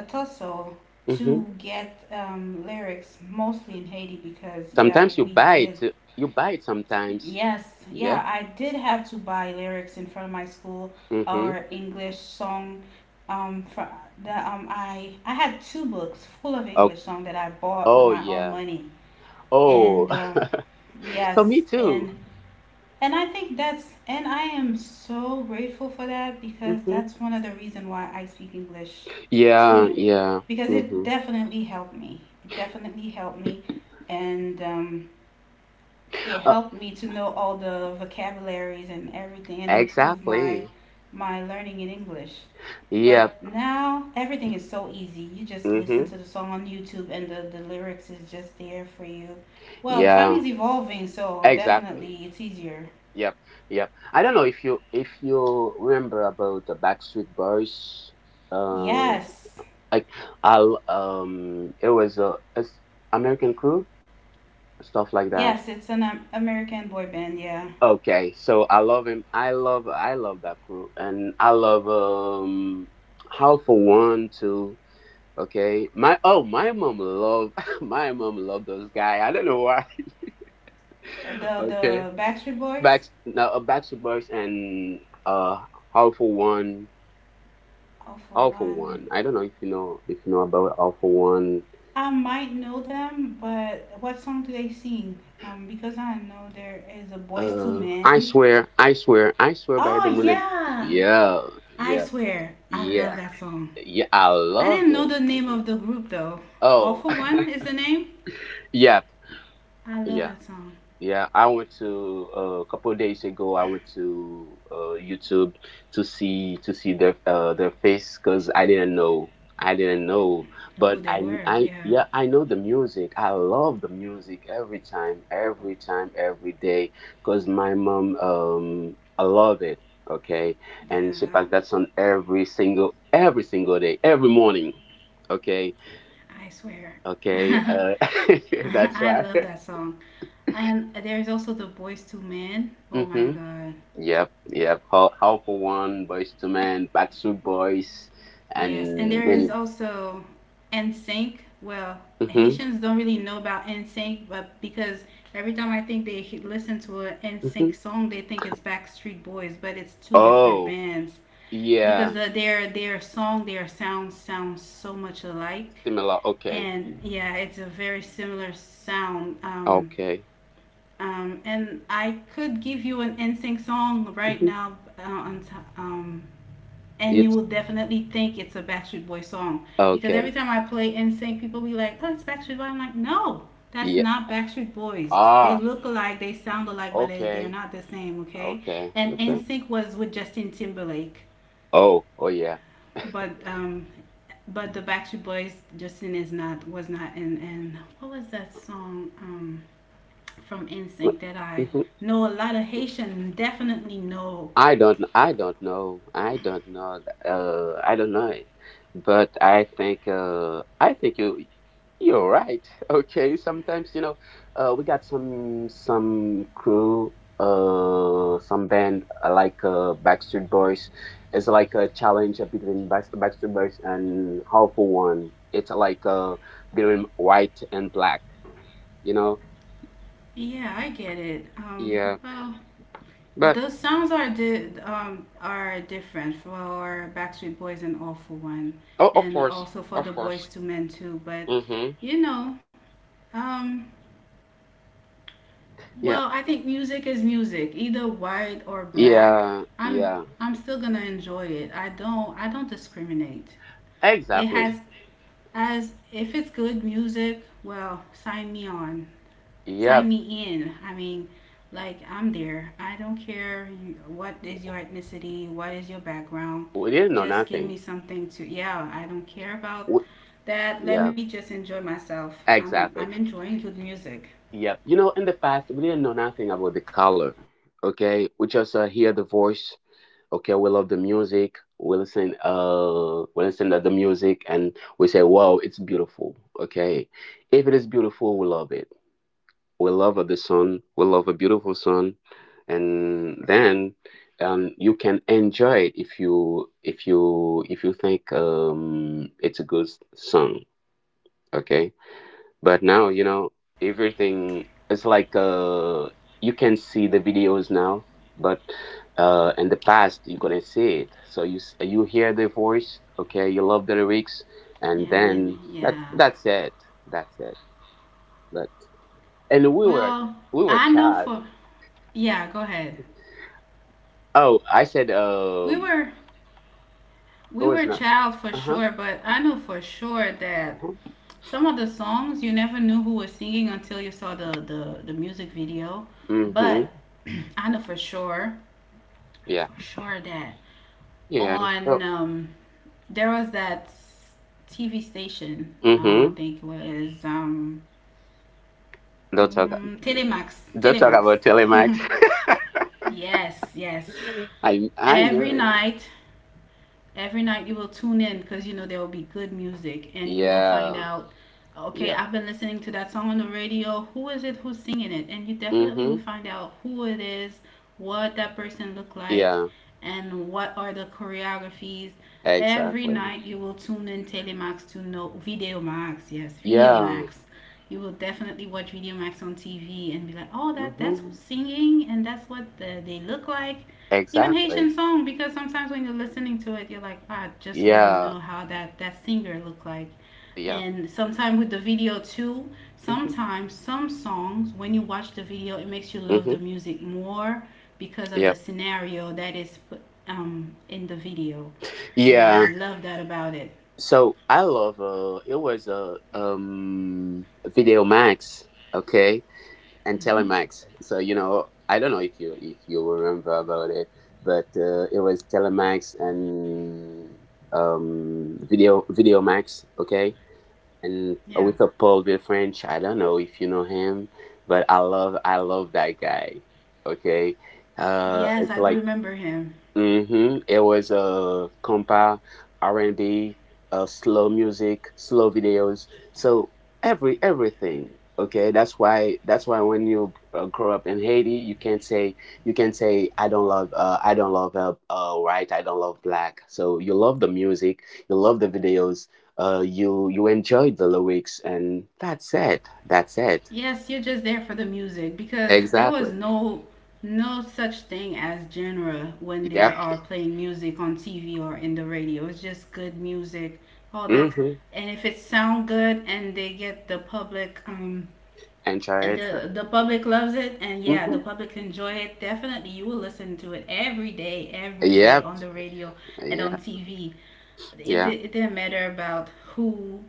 Speaker 1: Atosso to
Speaker 2: Mhm.
Speaker 1: get lyrics mostly in Haiti because yeah,
Speaker 2: Sometimes you
Speaker 1: we
Speaker 2: buy
Speaker 1: did.
Speaker 2: it. You buy it sometimes.
Speaker 1: Yes, yeah,
Speaker 2: Yeah.
Speaker 1: I did have to buy lyrics in front of my school
Speaker 2: Mm-hmm.
Speaker 1: or English song. For the I had two books full of
Speaker 2: Oh,
Speaker 1: English song that I bought with
Speaker 2: oh
Speaker 1: my own
Speaker 2: yeah.
Speaker 1: money,
Speaker 2: Oh.
Speaker 1: and
Speaker 2: So
Speaker 1: yes,
Speaker 2: me too.
Speaker 1: and I think that's, and I am so grateful for that because
Speaker 2: Mm-hmm.
Speaker 1: that's one of the reason why I speak English
Speaker 2: Yeah.
Speaker 1: too,
Speaker 2: Yeah.
Speaker 1: because it
Speaker 2: Mm-hmm.
Speaker 1: definitely helped me. It definitely helped me, and it
Speaker 2: Uh,
Speaker 1: helped me to know all the vocabularies and everything, and improve my
Speaker 2: exactly.
Speaker 1: my learning in English.
Speaker 2: Yep.
Speaker 1: But now everything is so easy. You just listen
Speaker 2: Mm-hmm.
Speaker 1: to the song on YouTube, and the lyrics is just there for you. Well, time
Speaker 2: Yeah.
Speaker 1: is evolving, so
Speaker 2: Exactly.
Speaker 1: definitely it's easier.
Speaker 2: Yep. Yep. I don't know if you remember about the Backstreet Boys. Uh,
Speaker 1: Yes,
Speaker 2: like, I'll it was a, American crew, stuff like that.
Speaker 1: yes, it's an American boy band. Yeah,
Speaker 2: Okay, so I love him. I love that crew, and I love, um, how for one too. Okay, my mom love, my mom love those guy. I don't know why. Okay,
Speaker 1: the Backstreet Boys.
Speaker 2: back now, Backstreet Boys and uh how for one,
Speaker 1: All for
Speaker 2: how for
Speaker 1: one.
Speaker 2: one. I don't know if you know, if you know about how for one.
Speaker 1: I might know them, but what song do they sing? Because I know there is a Boys to
Speaker 2: I
Speaker 1: Men.
Speaker 2: swear, I swear, I swear by the
Speaker 1: Oh
Speaker 2: moon. And
Speaker 1: yeah,
Speaker 2: yeah,
Speaker 1: I
Speaker 2: yeah,
Speaker 1: swear, I love
Speaker 2: yeah,
Speaker 1: that song.
Speaker 2: yeah. I
Speaker 1: I
Speaker 2: love
Speaker 1: didn't know
Speaker 2: it.
Speaker 1: the name of the group though. All
Speaker 2: Oh,
Speaker 1: for one is the name.
Speaker 2: yep,
Speaker 1: I love
Speaker 2: yeah,
Speaker 1: that song.
Speaker 2: yeah. I went to, a couple of days ago, I went to YouTube to see their, their face because I didn't know. I didn't know,
Speaker 1: Who
Speaker 2: but
Speaker 1: they
Speaker 2: I
Speaker 1: were?
Speaker 2: I
Speaker 1: Yeah,
Speaker 2: yeah, I know the music. I love the music every time, every time, every day. 'Cause my mom, um, I love it. Okay, and she
Speaker 1: yeah.
Speaker 2: plays that song every single day, every morning. Okay,
Speaker 1: I swear.
Speaker 2: okay. That's
Speaker 1: I
Speaker 2: right.
Speaker 1: love that song. And there's also the Boys to Men. Oh my
Speaker 2: Mm-hmm.
Speaker 1: god.
Speaker 2: Yep, yep. How Helpful One, Boys to Men, Backstreet Boys,
Speaker 1: Yes. And
Speaker 2: and
Speaker 1: there is
Speaker 2: many.
Speaker 1: also NSYNC. Well,
Speaker 2: Mm-hmm.
Speaker 1: Haitians don't really know about NSYNC, but because every time I think listen to an
Speaker 2: Mm-hmm.
Speaker 1: NSYNC song, they think it's Backstreet Boys, but it's two different
Speaker 2: Oh,
Speaker 1: bands because
Speaker 2: yeah.
Speaker 1: their song, their sound sounds so much alike.
Speaker 2: Similar. Okay.
Speaker 1: And yeah, it's a very similar sound.
Speaker 2: Okay.
Speaker 1: And I could give you an NSYNC song right
Speaker 2: Mm-hmm.
Speaker 1: now, on um, and you
Speaker 2: It's
Speaker 1: will definitely think it's a Backstreet Boy song because every
Speaker 2: okay.
Speaker 1: time I play NSYNC, people be like, "Oh, it's Backstreet Boy." I'm like, "No, that's
Speaker 2: Yeah.
Speaker 1: not Backstreet Boys. They
Speaker 2: Ah.
Speaker 1: look alike, they sound alike, but they're
Speaker 2: Okay.
Speaker 1: not the same." Okay,
Speaker 2: Okay.
Speaker 1: and
Speaker 2: Okay.
Speaker 1: NSYNC was with Justin Timberlake,
Speaker 2: Oh. Oh yeah.
Speaker 1: but um, but the Backstreet Boys Justin is not was not in. And what was that song? From instinct that I
Speaker 2: Mm-hmm.
Speaker 1: know a lot of Haitian definitely know.
Speaker 2: I don't. I don't know. I don't know. I don't know it. But I think. I think you. You're right. Okay. Sometimes, you know, we got some crew, some band, like, Backstreet Boys. It's like a challenge between Backstreet Boys and Hopeful One. It's like, between white and black. You know.
Speaker 1: Yeah, I get it.
Speaker 2: Yeah.
Speaker 1: Well,
Speaker 2: But
Speaker 1: the sounds are are different for Backstreet Boys and All for One,
Speaker 2: oh, of
Speaker 1: and
Speaker 2: course,
Speaker 1: also for
Speaker 2: of
Speaker 1: the Boys
Speaker 2: course.
Speaker 1: to Men too. But
Speaker 2: Mm-hmm.
Speaker 1: you know, um,
Speaker 2: Yeah.
Speaker 1: well, I think music is music, either white or black.
Speaker 2: Yeah.
Speaker 1: I'm
Speaker 2: Yeah.
Speaker 1: I'm still gonna enjoy it. I don't discriminate. It
Speaker 2: Exactly.
Speaker 1: has as if it's good music. Well, sign me on. Sign
Speaker 2: Yep.
Speaker 1: me in. I mean, like I'm there. I don't care what is your ethnicity, what is your background.
Speaker 2: We didn't know
Speaker 1: Just give
Speaker 2: nothing.
Speaker 1: me something to. Yeah, I don't care
Speaker 2: We,
Speaker 1: about that. Let
Speaker 2: yeah.
Speaker 1: me just enjoy myself.
Speaker 2: Exactly.
Speaker 1: I'm enjoying good music.
Speaker 2: Yep. You know, in the past, we didn't know nothing about the color. Okay, we just, hear the voice. Okay, we love the music. We listen. We listen to the music, and we say, "Wow, it's beautiful." Okay, if it is beautiful, we love it. We love, the sun. We love a beautiful sun, and then, you can enjoy it if you think, it's a good song. Okay, but now, you know, everything, it's like, you can see the videos now, but in the past you couldn't see it. So you hear the voice, okay, you love the lyrics, and then that,
Speaker 1: Yeah.
Speaker 2: that's it. That's it. But, and we were
Speaker 1: Well,
Speaker 2: we
Speaker 1: I
Speaker 2: were
Speaker 1: know for
Speaker 2: child.
Speaker 1: yeah. Go ahead.
Speaker 2: Oh, I said,
Speaker 1: We
Speaker 2: um,
Speaker 1: were we
Speaker 2: it
Speaker 1: were a
Speaker 2: was not.
Speaker 1: child for
Speaker 2: Uh-huh.
Speaker 1: sure, but I know for sure that
Speaker 2: Uh-huh.
Speaker 1: some of the songs you never knew who was singing until you saw the music video.
Speaker 2: Mm-hmm.
Speaker 1: But I know
Speaker 2: Yeah.
Speaker 1: for sure that
Speaker 2: Yeah.
Speaker 1: on
Speaker 2: So
Speaker 1: there was that TV station. I
Speaker 2: mm-hmm.
Speaker 1: think it was
Speaker 2: Don't talk,
Speaker 1: Telemax.
Speaker 2: don't talk
Speaker 1: Telemax.
Speaker 2: about Telemax.
Speaker 1: Yes, yes.
Speaker 2: I
Speaker 1: Every
Speaker 2: knew it.
Speaker 1: night every night you will tune in because you know there will be good music and you will find
Speaker 2: Yeah.
Speaker 1: out okay,
Speaker 2: Yeah.
Speaker 1: I've been listening to that song on the radio, who is it, who's singing it, and you definitely
Speaker 2: Mm-hmm.
Speaker 1: will find out who it is, what that person looked like,
Speaker 2: Yeah.
Speaker 1: and what are the choreographies. Every
Speaker 2: Exactly.
Speaker 1: night you will tune in Telemax to know Video Max. Yes, Video
Speaker 2: Yeah.
Speaker 1: Max, you will definitely watch Video Max on TV and be like, oh, that that's
Speaker 2: Mm-hmm.
Speaker 1: who's singing and that's what they look like. Even
Speaker 2: Exactly.
Speaker 1: Haitian song, because sometimes when you're listening to it, you're like, I just want to
Speaker 2: Yeah.
Speaker 1: know how that that singer looked like.
Speaker 2: Yeah.
Speaker 1: And sometimes with the video too,
Speaker 2: Mm-hmm.
Speaker 1: sometimes some songs when you watch the video, it makes you love
Speaker 2: Mm-hmm.
Speaker 1: the music more because of
Speaker 2: Yeah.
Speaker 1: the scenario that is in the video, and
Speaker 2: Yeah.
Speaker 1: I love that about it.
Speaker 2: So I love, it was a, um, Video Max, okay, and
Speaker 1: Hmm.
Speaker 2: Telemax. So you know, I don't know if you remember about it, but, it was Telemax and, um, Video Max, okay? And
Speaker 1: Yeah.
Speaker 2: with a Peruvian French. I don't know if you know him, but I love that guy. Okay,
Speaker 1: Yes,
Speaker 2: it's
Speaker 1: I do
Speaker 2: like
Speaker 1: remember him.
Speaker 2: Mm-hmm. It was, compa, R and B, slow music, slow videos. So every, everything. Okay, that's why when you, grow up in Haiti, you can't say, you can't say, "I don't love, I don't love, white, I don't love black." So you love the music, you love the videos, you, you enjoy the lyrics, and that's it. That's it.
Speaker 1: Yes, you're just there for the music because there
Speaker 2: Exactly.
Speaker 1: was no no such thing as genre when
Speaker 2: Yep.
Speaker 1: there are playing music on TV or in the radio. It's just good music. Oh, that's,
Speaker 2: Mm-hmm.
Speaker 1: and if it sound good and they get the public
Speaker 2: Enjoy
Speaker 1: and
Speaker 2: it.
Speaker 1: the public loves it, and yeah, the
Speaker 2: Hmm.
Speaker 1: public enjoy it, definitely you will listen to it every day, every day
Speaker 2: Yep.
Speaker 1: on the radio and on
Speaker 2: Yeah.
Speaker 1: TV.
Speaker 2: Yeah.
Speaker 1: It didn't matter about who,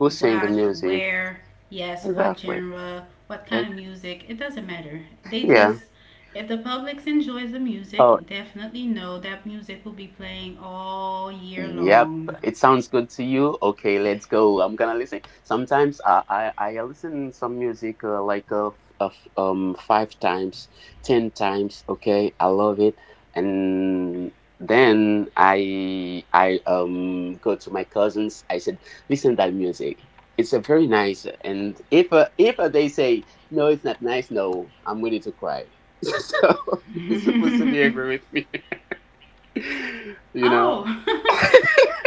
Speaker 2: Who sang the
Speaker 1: what,
Speaker 2: music?
Speaker 1: where. Yes, what
Speaker 2: Exactly.
Speaker 1: genre, what
Speaker 2: Eh,
Speaker 1: kind of music, it doesn't matter. They
Speaker 2: yeah.
Speaker 1: just, if the public enjoys the
Speaker 2: Oh,
Speaker 1: music, definitely know that music will be playing all year
Speaker 2: yep,
Speaker 1: long.
Speaker 2: it sounds good to you. Okay, let's go. I'm gonna listen. Sometimes I listen some music, like, 5 times, 10 times. Okay, I love it, and then I go to my cousins. I said, listen that music. It's a very nice. And if, they say no, it's not nice. No, I'm ready to cry. So you're supposed to be angry with me, you
Speaker 1: Oh,
Speaker 2: know.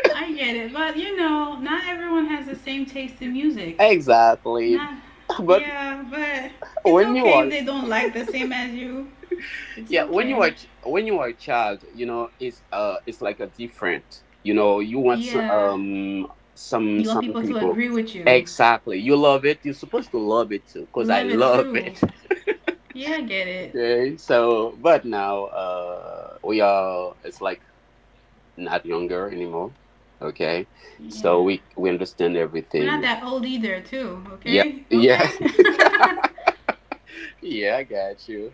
Speaker 1: I get it. But you know, not everyone has the same taste in music.
Speaker 2: Exactly.
Speaker 1: Not,
Speaker 2: But
Speaker 1: yeah, but it's
Speaker 2: when you
Speaker 1: okay if
Speaker 2: are
Speaker 1: they don't like the same as you. It's
Speaker 2: yeah, when you
Speaker 1: okay.
Speaker 2: are, when you are a child, you know, it's, it's like a different. You know,
Speaker 1: Yeah,
Speaker 2: some
Speaker 1: you want
Speaker 2: some
Speaker 1: people to
Speaker 2: people.
Speaker 1: agree with you.
Speaker 2: Exactly. You love it. You're supposed to love it too, because I
Speaker 1: Love it
Speaker 2: love
Speaker 1: too.
Speaker 2: it.
Speaker 1: Yeah, I get it.
Speaker 2: Okay. So but now, we are, it's like not younger anymore. Okay. So
Speaker 1: Yeah.
Speaker 2: we understand
Speaker 1: We're not
Speaker 2: everything.
Speaker 1: that old either, too,
Speaker 2: Yeah.
Speaker 1: okay?
Speaker 2: Yeah.
Speaker 1: Okay?
Speaker 2: Yeah, I got you.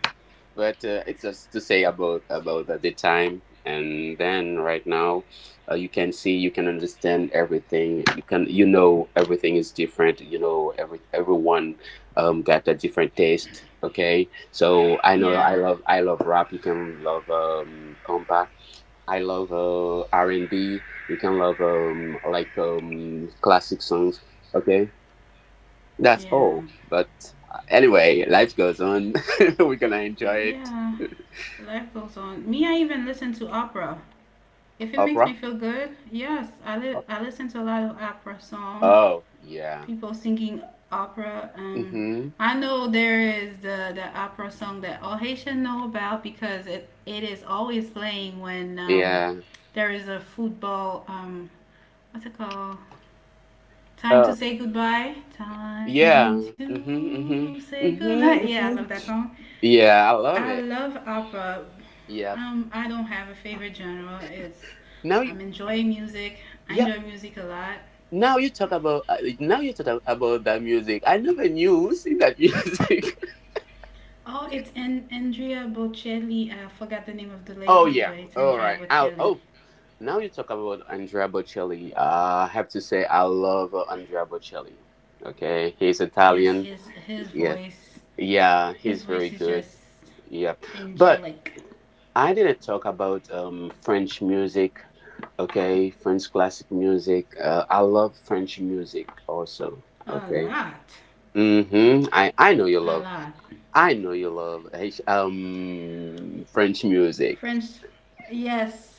Speaker 2: But, it's just to say about, at the time and then right now, you can see, you can understand everything. You can, you know, everything is different. You know, everyone, got a different taste. Okay, so I know I
Speaker 1: yeah,
Speaker 2: love I love rap. You can love, um, compact. I love, R and B. You can love, um, like, classic songs. Okay, that's
Speaker 1: yeah,
Speaker 2: all. But, anyway, life goes on. We're gonna enjoy it.
Speaker 1: yeah. Life goes on. Me, I even listen to opera. If it makes
Speaker 2: Oprah?
Speaker 1: me feel good, yes, I listen to a lot of opera song,
Speaker 2: Oh, yeah.
Speaker 1: people singing opera.
Speaker 2: Mm-hmm.
Speaker 1: I know there is the opera song that all Haitian know about because it is always playing when
Speaker 2: Yeah.
Speaker 1: there is a football, what's it called? Time to
Speaker 2: Oh,
Speaker 1: say goodbye. Time
Speaker 2: yeah. Mm-hmm.
Speaker 1: to
Speaker 2: Mm-hmm.
Speaker 1: say goodbye. Yeah, I love
Speaker 2: Mm-hmm.
Speaker 1: that
Speaker 2: Hmm.
Speaker 1: song.
Speaker 2: Yeah, I
Speaker 1: I
Speaker 2: love
Speaker 1: love
Speaker 2: it.
Speaker 1: opera.
Speaker 2: Yeah.
Speaker 1: I don't have a favorite genre. It's I'm
Speaker 2: Now you,
Speaker 1: enjoying music. I enjoy
Speaker 2: yeah.
Speaker 1: music a lot.
Speaker 2: Now you talk about, now you talk about that music. I never knew who sing that music.
Speaker 1: Oh, it's Andrea Bocelli. I forgot the name of the
Speaker 2: Oh
Speaker 1: lady,
Speaker 2: yeah.
Speaker 1: but it's
Speaker 2: All right.
Speaker 1: Andrea Bocelli.
Speaker 2: Now you talk about Andrea Bocelli. I have to say I love, Andrea Bocelli. Okay, he's
Speaker 1: Yes,
Speaker 2: Italian. Yeah, yeah,
Speaker 1: his
Speaker 2: he's
Speaker 1: voice
Speaker 2: very
Speaker 1: is
Speaker 2: good.
Speaker 1: just
Speaker 2: Yeah, but
Speaker 1: angelic.
Speaker 2: I didn't talk about, French music. Okay, French classic music. I love French music also.
Speaker 1: A
Speaker 2: Okay.
Speaker 1: lot,
Speaker 2: Mm-hmm. I know you love.
Speaker 1: a lot.
Speaker 2: I know you love, eh, um, French music.
Speaker 1: French, yes.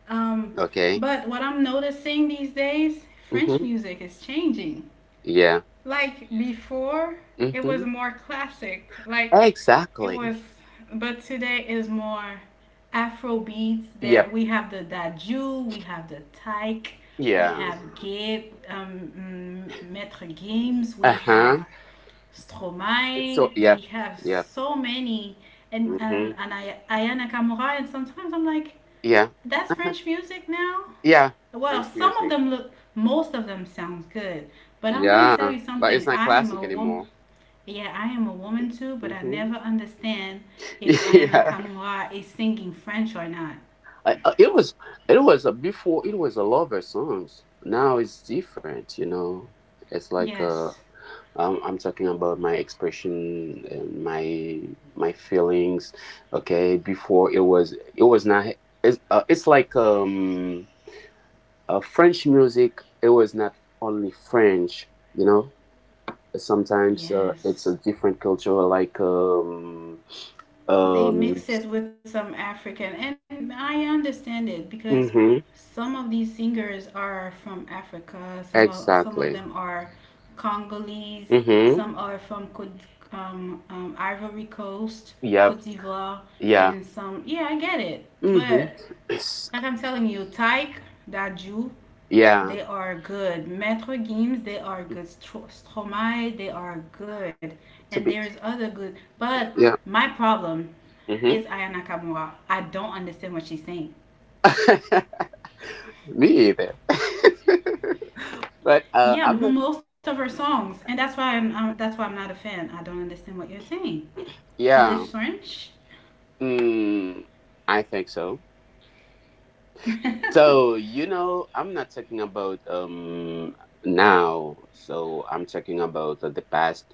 Speaker 1: Um,
Speaker 2: Okay.
Speaker 1: but what I'm noticing these days, French
Speaker 2: Mm-hmm.
Speaker 1: music is changing.
Speaker 2: Yeah.
Speaker 1: Like before, it was
Speaker 2: Mm-hmm.
Speaker 1: more classic. Like it
Speaker 2: Exactly.
Speaker 1: was, but today is more Afro beats. There
Speaker 2: Yep.
Speaker 1: we have the daju, we have the taik, we
Speaker 2: Yeah.
Speaker 1: have Gabe, Maître Games, we have
Speaker 2: Uh-huh. So
Speaker 1: Stromae, we
Speaker 2: yep.
Speaker 1: have
Speaker 2: Yep.
Speaker 1: so many, and
Speaker 2: Mm-hmm.
Speaker 1: I, Ayana Kamura, and sometimes I'm like,
Speaker 2: Yeah.
Speaker 1: that's French music now?
Speaker 2: Yeah.
Speaker 1: Well,
Speaker 2: French
Speaker 1: some of
Speaker 2: music.
Speaker 1: them look, most of them sounds good. But I'm gonna tell
Speaker 2: Yeah,
Speaker 1: you
Speaker 2: but
Speaker 1: something.
Speaker 2: it's not
Speaker 1: I am
Speaker 2: classic
Speaker 1: a woman.
Speaker 2: anymore.
Speaker 1: Yeah, I am a woman too, but I
Speaker 2: Hmm.
Speaker 1: never understand if Aya
Speaker 2: Yeah,
Speaker 1: Nakamura is singing French or not.
Speaker 2: it was, it was a, before it was a lover songs. Now it's different, you know. It's like,
Speaker 1: Yes,
Speaker 2: I'm talking about my expression and my feelings. Okay, before it was, it was not, it's, it's like, French music. It was not only French, you know. Sometimes,
Speaker 1: yes,
Speaker 2: it's a different culture, like, um.
Speaker 1: they
Speaker 2: Um.
Speaker 1: mix it with some African, and I understand it because
Speaker 2: Mm-hmm.
Speaker 1: some of these singers are from Africa. Some of them
Speaker 2: Exactly.
Speaker 1: are Congolese. Some
Speaker 2: Mm-hmm.
Speaker 1: are from Cote, Ivory Coast, Cote
Speaker 2: Yep.
Speaker 1: d'Ivoire,
Speaker 2: Yeah.
Speaker 1: and some. Yeah, I get it,
Speaker 2: Mm-hmm.
Speaker 1: but
Speaker 2: It's,
Speaker 1: like I'm telling you, Tyke, that Jew,
Speaker 2: yeah.
Speaker 1: they are good. Metro Games, they are good. Stromae, they are good. And
Speaker 2: To be.
Speaker 1: there's other good. But
Speaker 2: Yeah.
Speaker 1: my problem is
Speaker 2: Mm-hmm.
Speaker 1: Aya Nakamura. I don't understand what she's saying.
Speaker 2: Me either. But,
Speaker 1: Yeah,
Speaker 2: I'm not.
Speaker 1: most of her songs, and that's why I'm not a fan. I don't understand what you're saying. Is
Speaker 2: Yeah.
Speaker 1: this French?
Speaker 2: Mm, I think so. So, you know, I'm not talking about, um, now. So, I'm talking about, the past.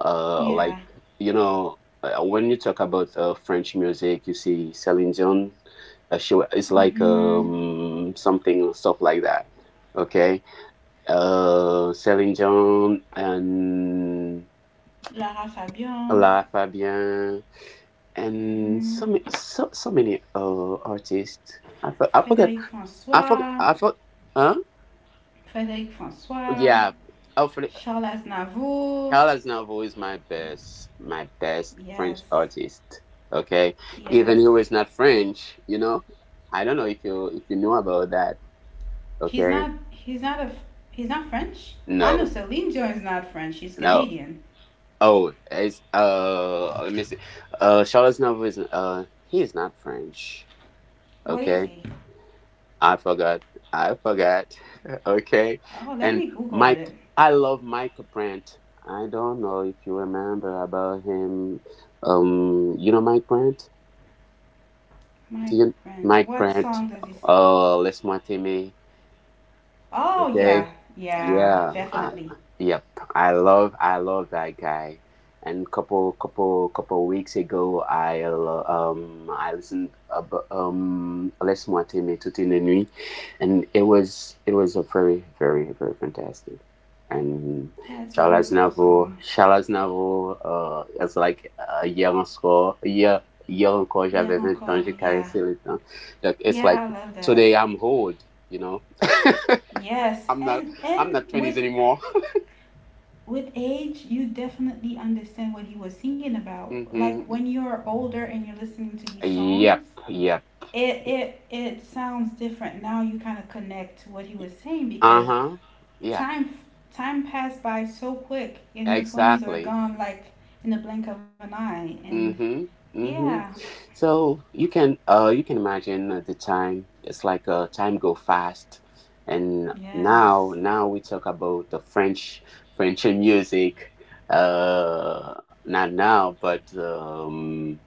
Speaker 2: Like,
Speaker 1: Yeah.
Speaker 2: you know, when you talk about, French music, you see Celine Dion. She, it's like,
Speaker 1: Hmm.
Speaker 2: um, something stuff like that. Okay. Celine Dion and
Speaker 1: Lara Fabian.
Speaker 2: La Fabian, and
Speaker 1: Hmm.
Speaker 2: so, so many, artists. I forgot.
Speaker 1: Frédéric
Speaker 2: I forgot.
Speaker 1: François.
Speaker 2: I forgot. Huh?
Speaker 1: Frédéric François.
Speaker 2: Yeah, Alfred,
Speaker 1: Charles Aznavour.
Speaker 2: Carlos Novo is my best
Speaker 1: Yes.
Speaker 2: French artist. Okay, even
Speaker 1: Yes.
Speaker 2: who is not French, you know. I don't know if you know about that.
Speaker 1: He's
Speaker 2: Okay,
Speaker 1: not he's not a he's not French. I know
Speaker 2: no,
Speaker 1: Celine Dion is not French, he's
Speaker 2: no.
Speaker 1: Canadian.
Speaker 2: Oh, it's, let me see. Charles Novo is, he is not French.
Speaker 1: What is
Speaker 2: Okay,
Speaker 1: he?
Speaker 2: I forgot. I forgot. Okay.
Speaker 1: Oh, let me
Speaker 2: And
Speaker 1: Google
Speaker 2: Mike,
Speaker 1: it.
Speaker 2: I love Mike Brandt. I don't know if you remember about him. You know Mike Brandt? Do
Speaker 1: My
Speaker 2: you
Speaker 1: friend.
Speaker 2: Mike
Speaker 1: What
Speaker 2: Brandt?
Speaker 1: song does he sing?
Speaker 2: Oh, laisse-moi t'aimer.
Speaker 1: Oh
Speaker 2: Okay.
Speaker 1: yeah, yeah,
Speaker 2: Yeah.
Speaker 1: definitely.
Speaker 2: Yep. I love that guy. And couple weeks ago, I, I listened about, um, laisse-moi Les Moitine Toute une nuit, and it was, it was a very fantastic. And
Speaker 1: Yeah, it's a
Speaker 2: Charles
Speaker 1: beautiful
Speaker 2: Navo,
Speaker 1: song.
Speaker 2: It's like, hier encore, hier encore,
Speaker 1: Yeah
Speaker 2: j'avais 20 ans,
Speaker 1: encore,
Speaker 2: j'ai
Speaker 1: yeah.
Speaker 2: caressé le temps. Like, it's like
Speaker 1: Yeah, I love that.
Speaker 2: today I'm old, you know.
Speaker 1: Yes.
Speaker 2: I'm not I'm not
Speaker 1: And
Speaker 2: twenties anymore.
Speaker 1: with age you definitely understand what he was singing about. Like
Speaker 2: Mm-hmm.
Speaker 1: when you're older and you're listening to these songs,
Speaker 2: Yep. Yep.
Speaker 1: it it sounds different now you kind of connect to what he was saying because
Speaker 2: Uh-huh. Yeah.
Speaker 1: time time passed by so quick and your 20s are
Speaker 2: Exactly.
Speaker 1: gone like in the blink of an eye and
Speaker 2: Mm-hmm. Mm-hmm.
Speaker 1: yeah.
Speaker 2: So you can, you can imagine at the time, it's like, time go fast. And now
Speaker 1: Yes,
Speaker 2: now we talk about the French, French and music. Uh not now, but,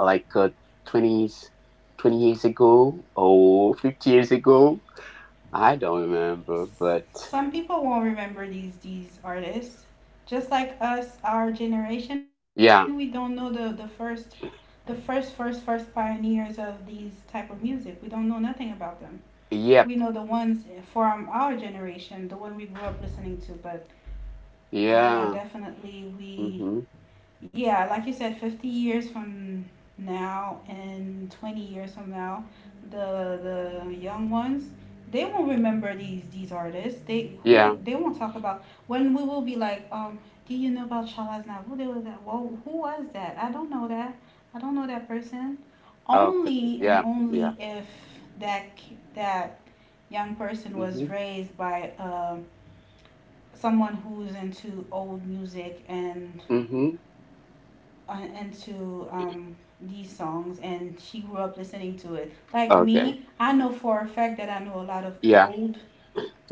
Speaker 2: like twenties 20 years ago or 50 years ago, I don't remember, but
Speaker 1: some people won't remember these artists, just like us. Our generation, we don't know
Speaker 2: yeah,
Speaker 1: the first pioneers of these type of music. We don't know nothing about them. We know the
Speaker 2: yep,
Speaker 1: ones from our generation, the one we grew up listening to. But yeah,
Speaker 2: yeah,
Speaker 1: definitely we
Speaker 2: mm-hmm,
Speaker 1: yeah, like you said, 50 years from now and 20 years from now, the the young ones, they won't remember these artists. They who
Speaker 2: yeah,
Speaker 1: they won't talk about when we will be like, do you know about Shala Who they was that? Well, who was that? I don't know that. I don't know that person.
Speaker 2: okay,
Speaker 1: Only and
Speaker 2: yeah, yeah,
Speaker 1: only if that young person
Speaker 2: mm-hmm,
Speaker 1: was raised by someone who's into old music and
Speaker 2: mm-hmm,
Speaker 1: into these songs and she grew up listening to it. Like
Speaker 2: okay,
Speaker 1: me, I know for a fact that I know a lot of
Speaker 2: yeah,
Speaker 1: old,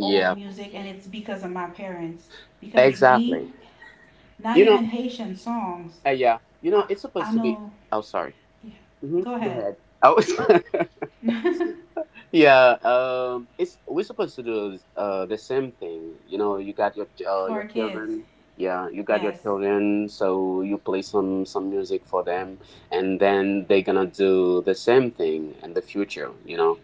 Speaker 1: old music, and it's because of my parents. Because
Speaker 2: exactly.
Speaker 1: me, not
Speaker 2: You know,
Speaker 1: even Haitian songs,
Speaker 2: yeah, you know,
Speaker 1: I,
Speaker 2: it's
Speaker 1: I
Speaker 2: supposed to be.
Speaker 1: know.
Speaker 2: Oh, sorry.
Speaker 1: Yeah.
Speaker 2: Mm-hmm.
Speaker 1: Go
Speaker 2: Go
Speaker 1: ahead.
Speaker 2: ahead. Oh, Yeah, it's we're supposed to do the same thing. You know, you got
Speaker 1: For
Speaker 2: your
Speaker 1: our kids.
Speaker 2: children. Yeah, you got your
Speaker 1: Yes.
Speaker 2: children, so you play some music for them, and then they're gonna do the same thing in the future. You know.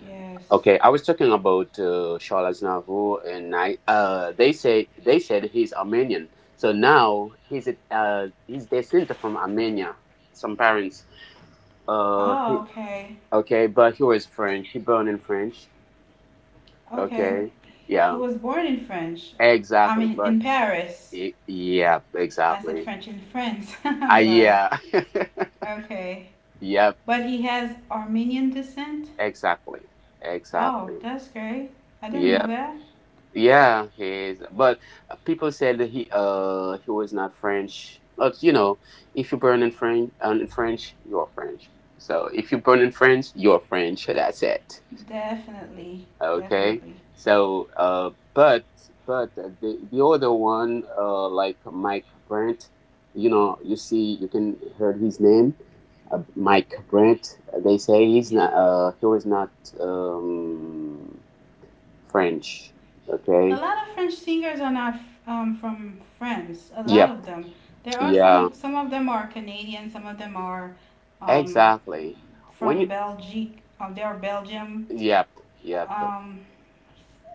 Speaker 1: Yes.
Speaker 2: Okay, I was talking about Charles Navo, and I they say they said he's Armenian, so now he's he's descended from Armenia. Some parents. Uh,
Speaker 1: Oh,
Speaker 2: he-
Speaker 1: okay.
Speaker 2: okay, but he was French. He born in French.
Speaker 1: Okay.
Speaker 2: Okay.
Speaker 1: He
Speaker 2: Yeah.
Speaker 1: was born in French. I
Speaker 2: Exactly.
Speaker 1: mean,
Speaker 2: But
Speaker 1: in Paris.
Speaker 2: yeah,
Speaker 1: I said
Speaker 2: exactly.
Speaker 1: French in France. I'm
Speaker 2: I
Speaker 1: sorry.
Speaker 2: yeah.
Speaker 1: Okay.
Speaker 2: Yep.
Speaker 1: But he has Armenian descent?
Speaker 2: Exactly.
Speaker 1: Oh,
Speaker 2: Exactly.
Speaker 1: that's great. I didn't know
Speaker 2: Yep.
Speaker 1: that.
Speaker 2: Yeah, he is. But people said that he was not French. But you know, if you burn in French, you're French. So if you burn in French, you're French. That's it.
Speaker 1: Definitely.
Speaker 2: Okay,
Speaker 1: Definitely.
Speaker 2: so but the other one like Mike Brandt, you know, you see, you can heard his name, Mike Brandt. They say he's
Speaker 1: Yeah.
Speaker 2: not he was not um, French.
Speaker 1: A
Speaker 2: Okay.
Speaker 1: lot of French singers are not from France. A lot
Speaker 2: Yep.
Speaker 1: of them. There are
Speaker 2: Yeah.
Speaker 1: some of them are Canadian, some of them are um,
Speaker 2: Exactly. When
Speaker 1: from
Speaker 2: you.
Speaker 1: Belgique. They are Belgium.
Speaker 2: Yep. Yep.
Speaker 1: Um,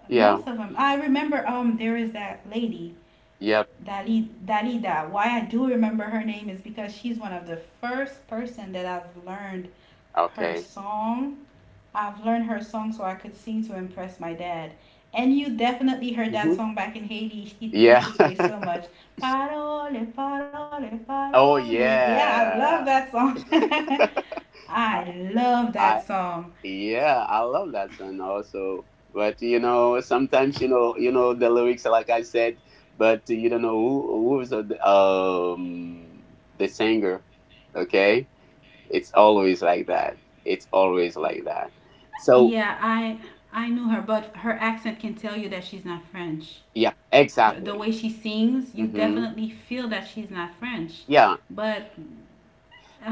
Speaker 2: Yeah.
Speaker 1: most of them. I remember there is that lady
Speaker 2: Yep.
Speaker 1: Dalida. Why I do remember her name is because she's one of the first person that I've learned her
Speaker 2: Okay.
Speaker 1: song. I've learned her song so I could sing to impress my dad. And you definitely heard that
Speaker 2: Hmm.
Speaker 1: song back in Haiti. It used
Speaker 2: Yeah.
Speaker 1: to play so much. Parole, parole,
Speaker 2: Oh
Speaker 1: parole. Yeah, I love
Speaker 2: yeah.
Speaker 1: that song. I love that
Speaker 2: I,
Speaker 1: song.
Speaker 2: Yeah, I love that song also. But you know, sometimes you know the lyrics, like I said, but you don't know who's the singer. Okay, it's always like that. It's always like that. So
Speaker 1: Yeah, I knew her, but her accent can tell you that she's not French.
Speaker 2: yeah,
Speaker 1: Her, the
Speaker 2: exactly.
Speaker 1: way she sings, you
Speaker 2: Mm-hmm.
Speaker 1: definitely feel that she's not French,
Speaker 2: Yeah,
Speaker 1: but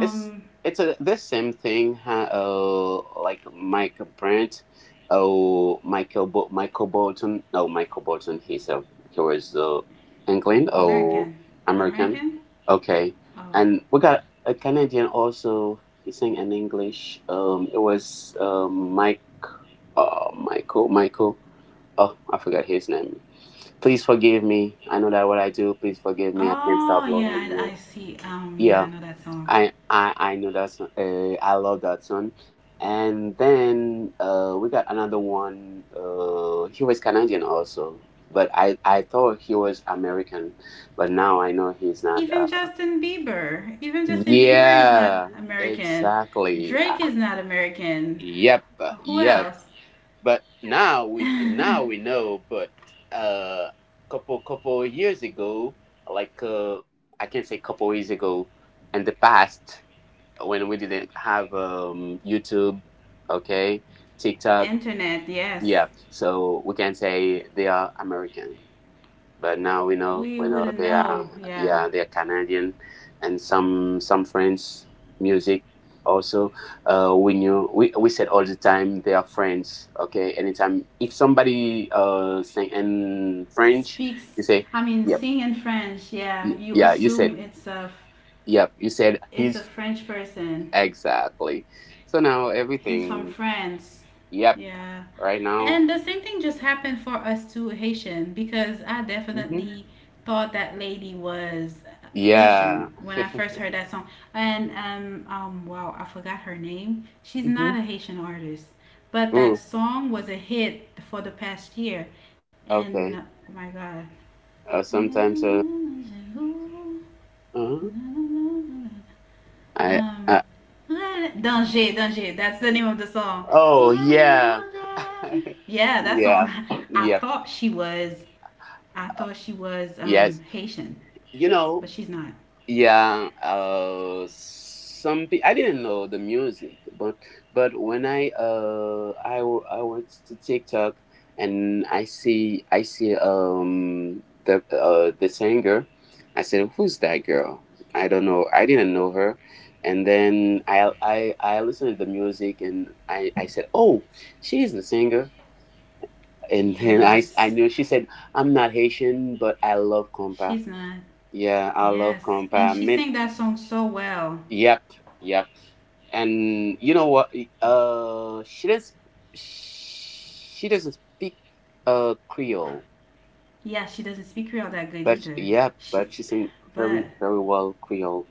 Speaker 2: It's it's the same thing, huh? Like Michael Brandt, Michael Bolton. No, Michael Bolton. He was England or
Speaker 1: American,
Speaker 2: American.
Speaker 1: American.
Speaker 2: Okay,
Speaker 1: Oh,
Speaker 2: and we got a Canadian also. He sang in English. It was Mike. Michael. Oh, I forgot his name. Please forgive me. I know that what I do. Please forgive me. I can't stop
Speaker 1: oh
Speaker 2: loving
Speaker 1: yeah,
Speaker 2: you.
Speaker 1: I see.
Speaker 2: Yeah.
Speaker 1: Yeah, I know that song.
Speaker 2: I know that song. I love that song. And then we got another one. He was Canadian also, but I thought he was American, but now I know he's not.
Speaker 1: Even Justin Bieber is not
Speaker 2: Yeah,
Speaker 1: American.
Speaker 2: exactly.
Speaker 1: Drake is not American.
Speaker 2: Yep,
Speaker 1: Who
Speaker 2: yep.
Speaker 1: else?
Speaker 2: But
Speaker 1: Internet,
Speaker 2: now we know. But uh, couple years ago, like I can't say couple years ago, in the past, when we didn't have YouTube, okay, TikTok,
Speaker 1: yes.
Speaker 2: yeah. So we can say they are American, but now
Speaker 1: We
Speaker 2: we know
Speaker 1: wouldn't
Speaker 2: they
Speaker 1: know.
Speaker 2: are
Speaker 1: Yeah,
Speaker 2: yeah they are Canadian, and some French music also. We knew we said all the time they are French, okay. Anytime if somebody sing in French, you
Speaker 1: speaks.
Speaker 2: say
Speaker 1: I mean,
Speaker 2: yep,
Speaker 1: sing in French. Yeah, you
Speaker 2: yeah. You said
Speaker 1: assume
Speaker 2: yep. You said
Speaker 1: it's a
Speaker 2: he's
Speaker 1: French person.
Speaker 2: exactly. So now
Speaker 1: He's from
Speaker 2: everything.
Speaker 1: France.
Speaker 2: Yep.
Speaker 1: Yeah.
Speaker 2: Right now.
Speaker 1: And the same thing just happened for us two Haitian because I
Speaker 2: Hmm.
Speaker 1: definitely thought that lady was
Speaker 2: Yeah.
Speaker 1: Haitian when I first heard that song. And wow, I forgot her name. She's
Speaker 2: Hmm.
Speaker 1: not a Haitian artist, but that
Speaker 2: Ooh.
Speaker 1: song was a hit for the past year. And
Speaker 2: Okay.
Speaker 1: oh my god.
Speaker 2: Sometimes. Uh. I.
Speaker 1: Um, danger, danger. That's the name of the song.
Speaker 2: Oh yeah.
Speaker 1: Danger. Yeah, that
Speaker 2: Yeah.
Speaker 1: song. I
Speaker 2: Yep.
Speaker 1: thought she was. I thought she was
Speaker 2: Yes.
Speaker 1: Haitian,
Speaker 2: You know.
Speaker 1: but she's not.
Speaker 2: Yeah, I didn't know the music, but when I went to TikTok and I see the singer, I said, who's that girl? I don't know. I didn't know her, and then I listened to the music and I said, oh she is the singer, and then I
Speaker 1: Yes,
Speaker 2: knew she said, I'm not Haitian but I love compa.
Speaker 1: she's not.
Speaker 2: Yeah, I love
Speaker 1: Yes, and
Speaker 2: compa.
Speaker 1: she sang that song so well.
Speaker 2: Yep, yep. And you know what? She does. She doesn't speak Creole,
Speaker 1: Yeah, she doesn't speak Creole that good
Speaker 2: but sh
Speaker 1: either.
Speaker 2: yeah,
Speaker 1: She,
Speaker 2: but she sings very
Speaker 1: but
Speaker 2: very well Creole.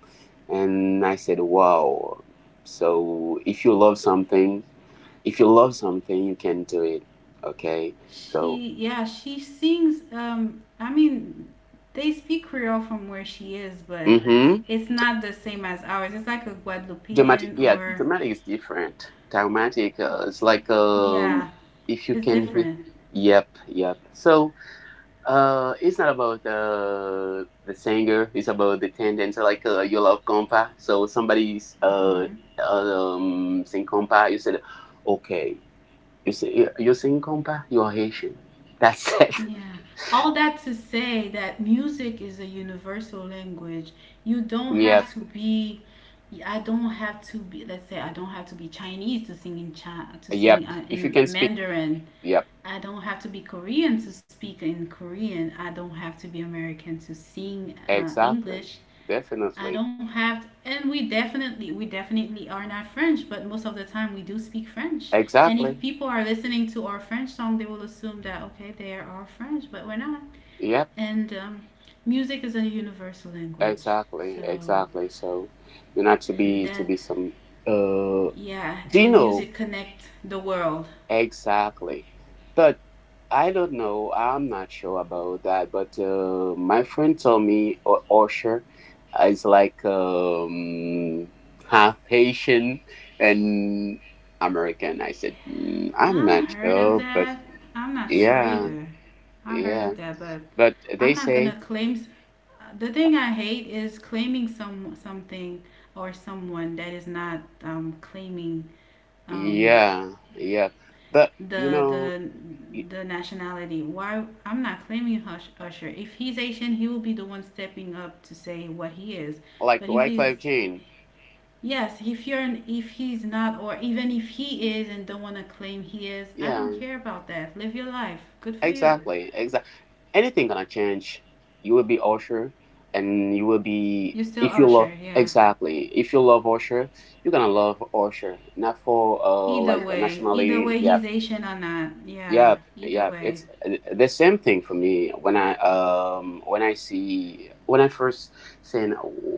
Speaker 2: And I said, wow. So if you love something, if you love something, you can do it. Okay. So,
Speaker 1: she, yeah, she sings. I mean, they speak Creole from where she is, but
Speaker 2: mm-hmm.
Speaker 1: it's not the same as ours. It's like a
Speaker 2: Dramatic,
Speaker 1: Guadeloupean
Speaker 2: yeah,
Speaker 1: or,
Speaker 2: dramatic is different. Dramatic, it's like
Speaker 1: yeah,
Speaker 2: if you
Speaker 1: it's
Speaker 2: can.
Speaker 1: different.
Speaker 2: Yep, yep. So. It's not about the singer. It's about the tendency, like you love compa. So somebody's
Speaker 1: Hmm.
Speaker 2: sing compa. You said, okay, you say you sing compa. You're Haitian. That's it.
Speaker 1: Yeah. All that to say that music is a universal language. You don't
Speaker 2: Yep,
Speaker 1: have to be. I don't have to be. Let's say I don't have to be Chinese to sing
Speaker 2: yep. If you
Speaker 1: in
Speaker 2: can speak,
Speaker 1: Mandarin.
Speaker 2: yep,
Speaker 1: I don't have to be Korean to speak in Korean. I don't have to be American to sing
Speaker 2: exactly,
Speaker 1: English. I
Speaker 2: definitely,
Speaker 1: don't have, to, and We definitely, we definitely are not French, but most of the time we do speak French. And if
Speaker 2: exactly,
Speaker 1: people are listening to our French song, they will assume that, okay, they are French, but we're not.
Speaker 2: yep,
Speaker 1: And music is a universal language.
Speaker 2: exactly,
Speaker 1: So,
Speaker 2: exactly. So, you're not to
Speaker 1: and
Speaker 2: be to
Speaker 1: that,
Speaker 2: be some. Uh,
Speaker 1: yeah,
Speaker 2: do you
Speaker 1: and
Speaker 2: know?
Speaker 1: music connect the world.
Speaker 2: Exactly. But I don't know. I'm not sure about that. But my friend told me Osher is like half Haitian and American. I said, mm, I'm
Speaker 1: I
Speaker 2: not
Speaker 1: heard of
Speaker 2: sure. But
Speaker 1: that. I'm not sure
Speaker 2: yeah,
Speaker 1: either. I heard
Speaker 2: yeah.
Speaker 1: of that, but
Speaker 2: But they
Speaker 1: I'm not
Speaker 2: say,
Speaker 1: gonna claim. The thing I hate is claiming something or someone that is not claiming um,
Speaker 2: yeah, yeah. But, you
Speaker 1: the
Speaker 2: know,
Speaker 1: the
Speaker 2: y-
Speaker 1: the nationality. Why I'm not claiming Usher. If he's Asian, he will be the one stepping up to say what he is.
Speaker 2: like
Speaker 1: But if he's
Speaker 2: Wyclef Jean.
Speaker 1: yes, if you're an, if he's not, or even if he is and don't want to claim he is, I
Speaker 2: Yeah,
Speaker 1: don't care about that. Live your life. Good for you.
Speaker 2: exactly. Exactly. Anything gonna change. You will be Usher, and you will be
Speaker 1: You're still
Speaker 2: if you
Speaker 1: Usher.
Speaker 2: love
Speaker 1: Yeah.
Speaker 2: exactly. If you love Usher, you're gonna love Usher, not for like a
Speaker 1: Either
Speaker 2: nationality.
Speaker 1: way,
Speaker 2: Yeah,
Speaker 1: he's Asian or not. Yeah,
Speaker 2: yep,
Speaker 1: either
Speaker 2: yep. It's
Speaker 1: way.
Speaker 2: the same thing for me when I see when I first seen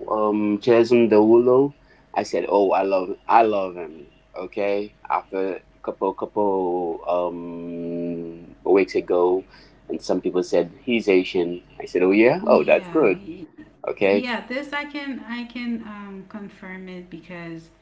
Speaker 2: Jason Derulo, I said, "Oh, I love him." Okay, after a couple couple weeks ago, and some people said he's Asian. I said, "Oh yeah, oh that's
Speaker 1: Yeah,
Speaker 2: good."
Speaker 1: he,
Speaker 2: Okay,
Speaker 1: yeah. This I can confirm it because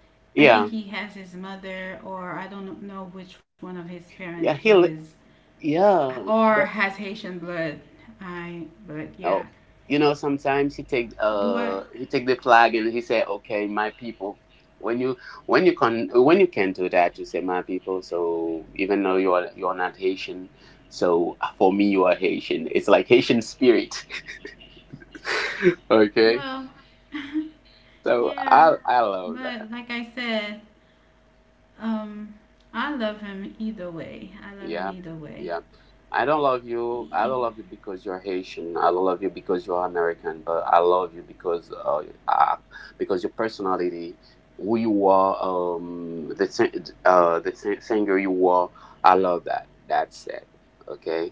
Speaker 1: I
Speaker 2: yeah,
Speaker 1: think he has his mother, or I don't know which one of his
Speaker 2: yeah.
Speaker 1: parent is,
Speaker 2: Yeah.
Speaker 1: or has Haitian blood. I but yeah.
Speaker 2: Oh, you know, sometimes
Speaker 1: Do I?
Speaker 2: he take the flag and he say, "Okay, my people." When you when you can do that, you say, "My people." So even though you're not Haitian, so for me you are Haitian. It's like Haitian spirit. okay,
Speaker 1: Well,
Speaker 2: so
Speaker 1: yeah.
Speaker 2: I love
Speaker 1: But
Speaker 2: that.
Speaker 1: like I said, um, I love him either way. I love him
Speaker 2: Yep,
Speaker 1: either way.
Speaker 2: yep. I don't love you. I
Speaker 1: E-
Speaker 2: don't love you because you're Haitian. I don't love you because you're American. But I love you because your personality, who you are, um, the sing- singer you are. I love that. That's it. Okay.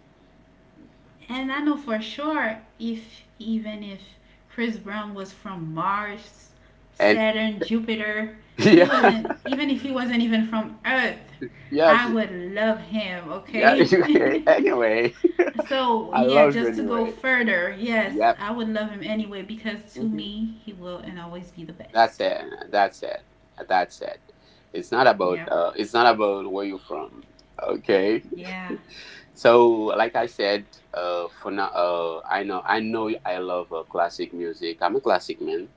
Speaker 1: And I know for sure if even if Chris Brown was from Mars,
Speaker 2: And
Speaker 1: Saturn, Jupiter, he
Speaker 2: yeah,
Speaker 1: wasn't even if he wasn't even from Earth,
Speaker 2: yeah,
Speaker 1: I would love him,
Speaker 2: yeah.
Speaker 1: okay?
Speaker 2: Anyway,
Speaker 1: So,
Speaker 2: I
Speaker 1: yeah,
Speaker 2: love you
Speaker 1: just to go
Speaker 2: anyway.
Speaker 1: further, yes,
Speaker 2: Yep.
Speaker 1: I would love him anyway because to
Speaker 2: Mm-hmm.
Speaker 1: me, he will and always be the
Speaker 2: That's
Speaker 1: best.
Speaker 2: it. That's it. That's it.
Speaker 1: Yeah.
Speaker 2: It's not about where you're from. Okay.
Speaker 1: Yeah.
Speaker 2: So like I said, for now, I know I love classic music. I'm a classic man.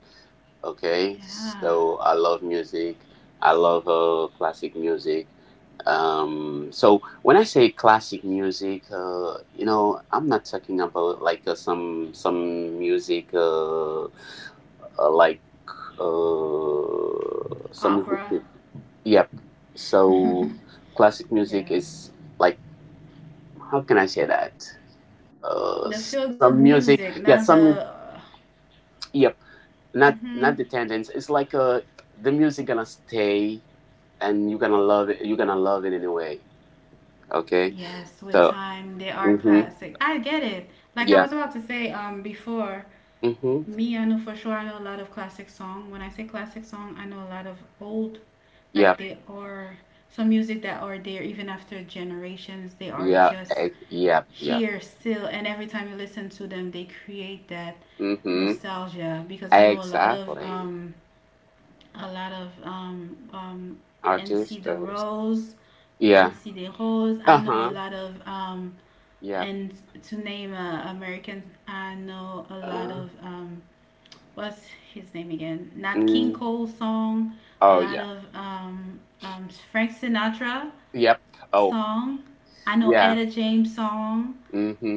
Speaker 2: Okay,
Speaker 1: Yeah.
Speaker 2: so I love music. I love classic music. So when I say classic music, you know, I'm not talking about like some music like some music.
Speaker 1: Opera.
Speaker 2: Yep.
Speaker 1: Yeah.
Speaker 2: So classic music is like how can I say that?
Speaker 1: The feel good
Speaker 2: Some
Speaker 1: music,
Speaker 2: music.
Speaker 1: not the
Speaker 2: Yeah, some.
Speaker 1: uh,
Speaker 2: Yep, not
Speaker 1: mhm.
Speaker 2: the tendons. It's like the music gonna stay, and you're gonna love it. You're gonna love it anyway. Okay,
Speaker 1: Yes, with
Speaker 2: so
Speaker 1: time, they are
Speaker 2: hmm
Speaker 1: classic. I get it. Like I
Speaker 2: yeah,
Speaker 1: was about to say before,
Speaker 2: hmm
Speaker 1: me, I know for sure I know a lot of classic song. When I say classic song, I know a lot of old,
Speaker 2: yeah,
Speaker 1: like they are some music that are there even after generations. They are
Speaker 2: yeah,
Speaker 1: just
Speaker 2: eh, yep, yeah,
Speaker 1: here still, and every time you listen to them, they create that
Speaker 2: hmm
Speaker 1: nostalgia. Because I know a lot of
Speaker 2: exactly.
Speaker 1: a lot of um um
Speaker 2: Artists,
Speaker 1: NC the Rose,
Speaker 2: yeah,
Speaker 1: NC the Rose. I
Speaker 2: uh
Speaker 1: know a
Speaker 2: huh,
Speaker 1: lot of
Speaker 2: yep,
Speaker 1: and to name Americans, I know a lot
Speaker 2: uh,
Speaker 1: of what's his name again? Nat King
Speaker 2: mm,
Speaker 1: Cole song, a
Speaker 2: oh
Speaker 1: lot
Speaker 2: yeah,
Speaker 1: of Frank Sinatra
Speaker 2: yep, oh
Speaker 1: song. I know
Speaker 2: yeah,
Speaker 1: Etta James song.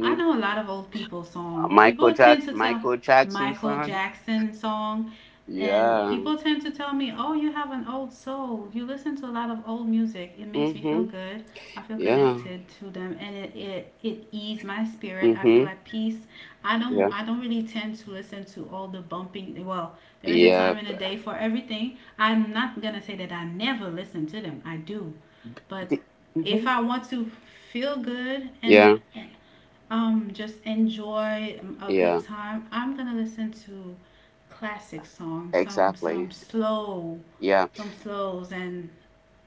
Speaker 1: I know a lot of old people song. People tend to tell
Speaker 2: Michael Jackson
Speaker 1: Michael
Speaker 2: son,
Speaker 1: Jackson song, and
Speaker 2: yeah,
Speaker 1: people tend to tell me, "Oh, you have an old soul. You listen to a lot of old music. It makes me feel
Speaker 2: hmm
Speaker 1: good. I feel
Speaker 2: yeah,
Speaker 1: connected to them, and it eases my spirit. I
Speaker 2: hmm
Speaker 1: feel at peace. I don't
Speaker 2: yeah.
Speaker 1: I don't really tend to listen to all the bumping. Well, there is a
Speaker 2: Yeah.
Speaker 1: time in the day for everything. I'm not gonna say that I never listen to them. I do, but
Speaker 2: D-
Speaker 1: if
Speaker 2: mhm.
Speaker 1: I want to feel good and
Speaker 2: Yeah.
Speaker 1: just enjoy a good
Speaker 2: Yeah.
Speaker 1: time. I'm gonna listen to classic songs,
Speaker 2: Exactly.
Speaker 1: some slow,
Speaker 2: Yeah.
Speaker 1: some slows, and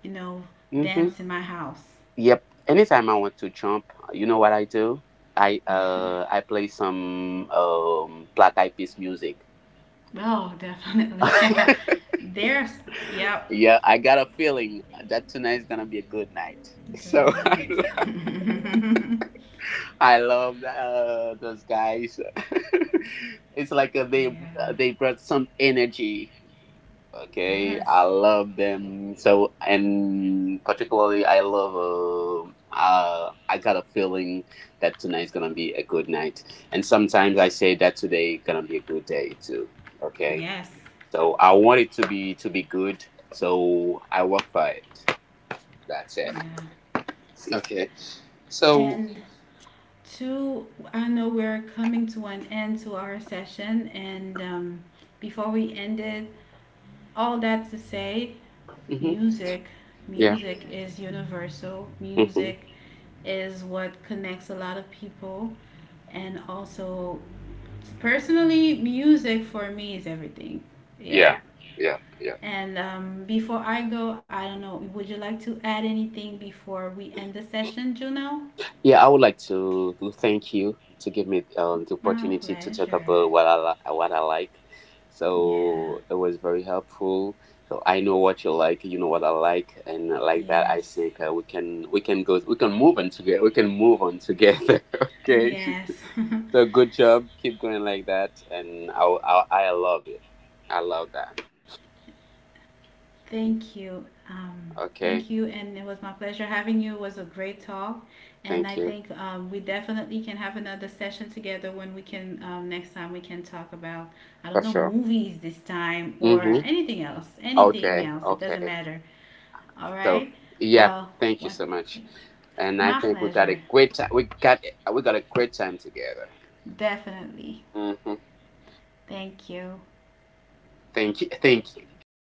Speaker 1: you know,
Speaker 2: Hmm.
Speaker 1: dance in my house.
Speaker 2: Yep. Anytime I want to jump, you know what I do? I play some Black Eyed Peas music.
Speaker 1: Oh, definitely. Yeah, there's. Yep.
Speaker 2: Yeah, I got a feeling that tonight's gonna be a good night.
Speaker 1: Good
Speaker 2: So
Speaker 1: night.
Speaker 2: I love those guys. It's like
Speaker 1: Yeah.
Speaker 2: they brought some energy. Okay, I
Speaker 1: Yes.
Speaker 2: love them so, and particularly I love. I got a feeling that tonight's gonna be a good night, and sometimes I say that today gonna be a good day too. Okay,
Speaker 1: Yes.
Speaker 2: so I want it to be good, so I work for it. That's it.
Speaker 1: Yeah.
Speaker 2: Okay, so
Speaker 1: And to I know we're coming to an end to our session, and before we end it, all that to say
Speaker 2: hmm
Speaker 1: music
Speaker 2: yeah,
Speaker 1: music is universal
Speaker 2: hmm
Speaker 1: music is what connects a lot of people and also personally music for me is everything yeah
Speaker 2: yeah, yeah, yeah.
Speaker 1: and before I go I don't know would you like to add anything before we end the session juno.
Speaker 2: Yeah, I would like to thank you to give me the
Speaker 1: My
Speaker 2: opportunity to talk
Speaker 1: pleasure.
Speaker 2: about what I like.
Speaker 1: Yeah,
Speaker 2: So it was very helpful. So I know what you like, you know what I like, and like that,
Speaker 1: yes,
Speaker 2: I think we can move on together. We can move on together. Okay.
Speaker 1: yes.
Speaker 2: So good job. Keep going like that, and I love it. I love that.
Speaker 1: Thank you. Thank you.
Speaker 2: Okay.
Speaker 1: And it was my pleasure having you. It was a great talk. And I
Speaker 2: Thank
Speaker 1: think
Speaker 2: you
Speaker 1: we definitely can have another session together when we can, next time we can talk about, I don't know,
Speaker 2: for sure.
Speaker 1: movies this time or
Speaker 2: Hmm.
Speaker 1: anything else. Anything else.
Speaker 2: Okay.
Speaker 1: It doesn't
Speaker 2: Okay.
Speaker 1: matter. All right.
Speaker 2: So yeah,
Speaker 1: Well, what?
Speaker 2: thank you so much. And
Speaker 1: My
Speaker 2: I think we
Speaker 1: pleasure.
Speaker 2: got a great time. We got a great time together.
Speaker 1: Definitely.
Speaker 2: Hmm.
Speaker 1: Thank you.
Speaker 2: Thank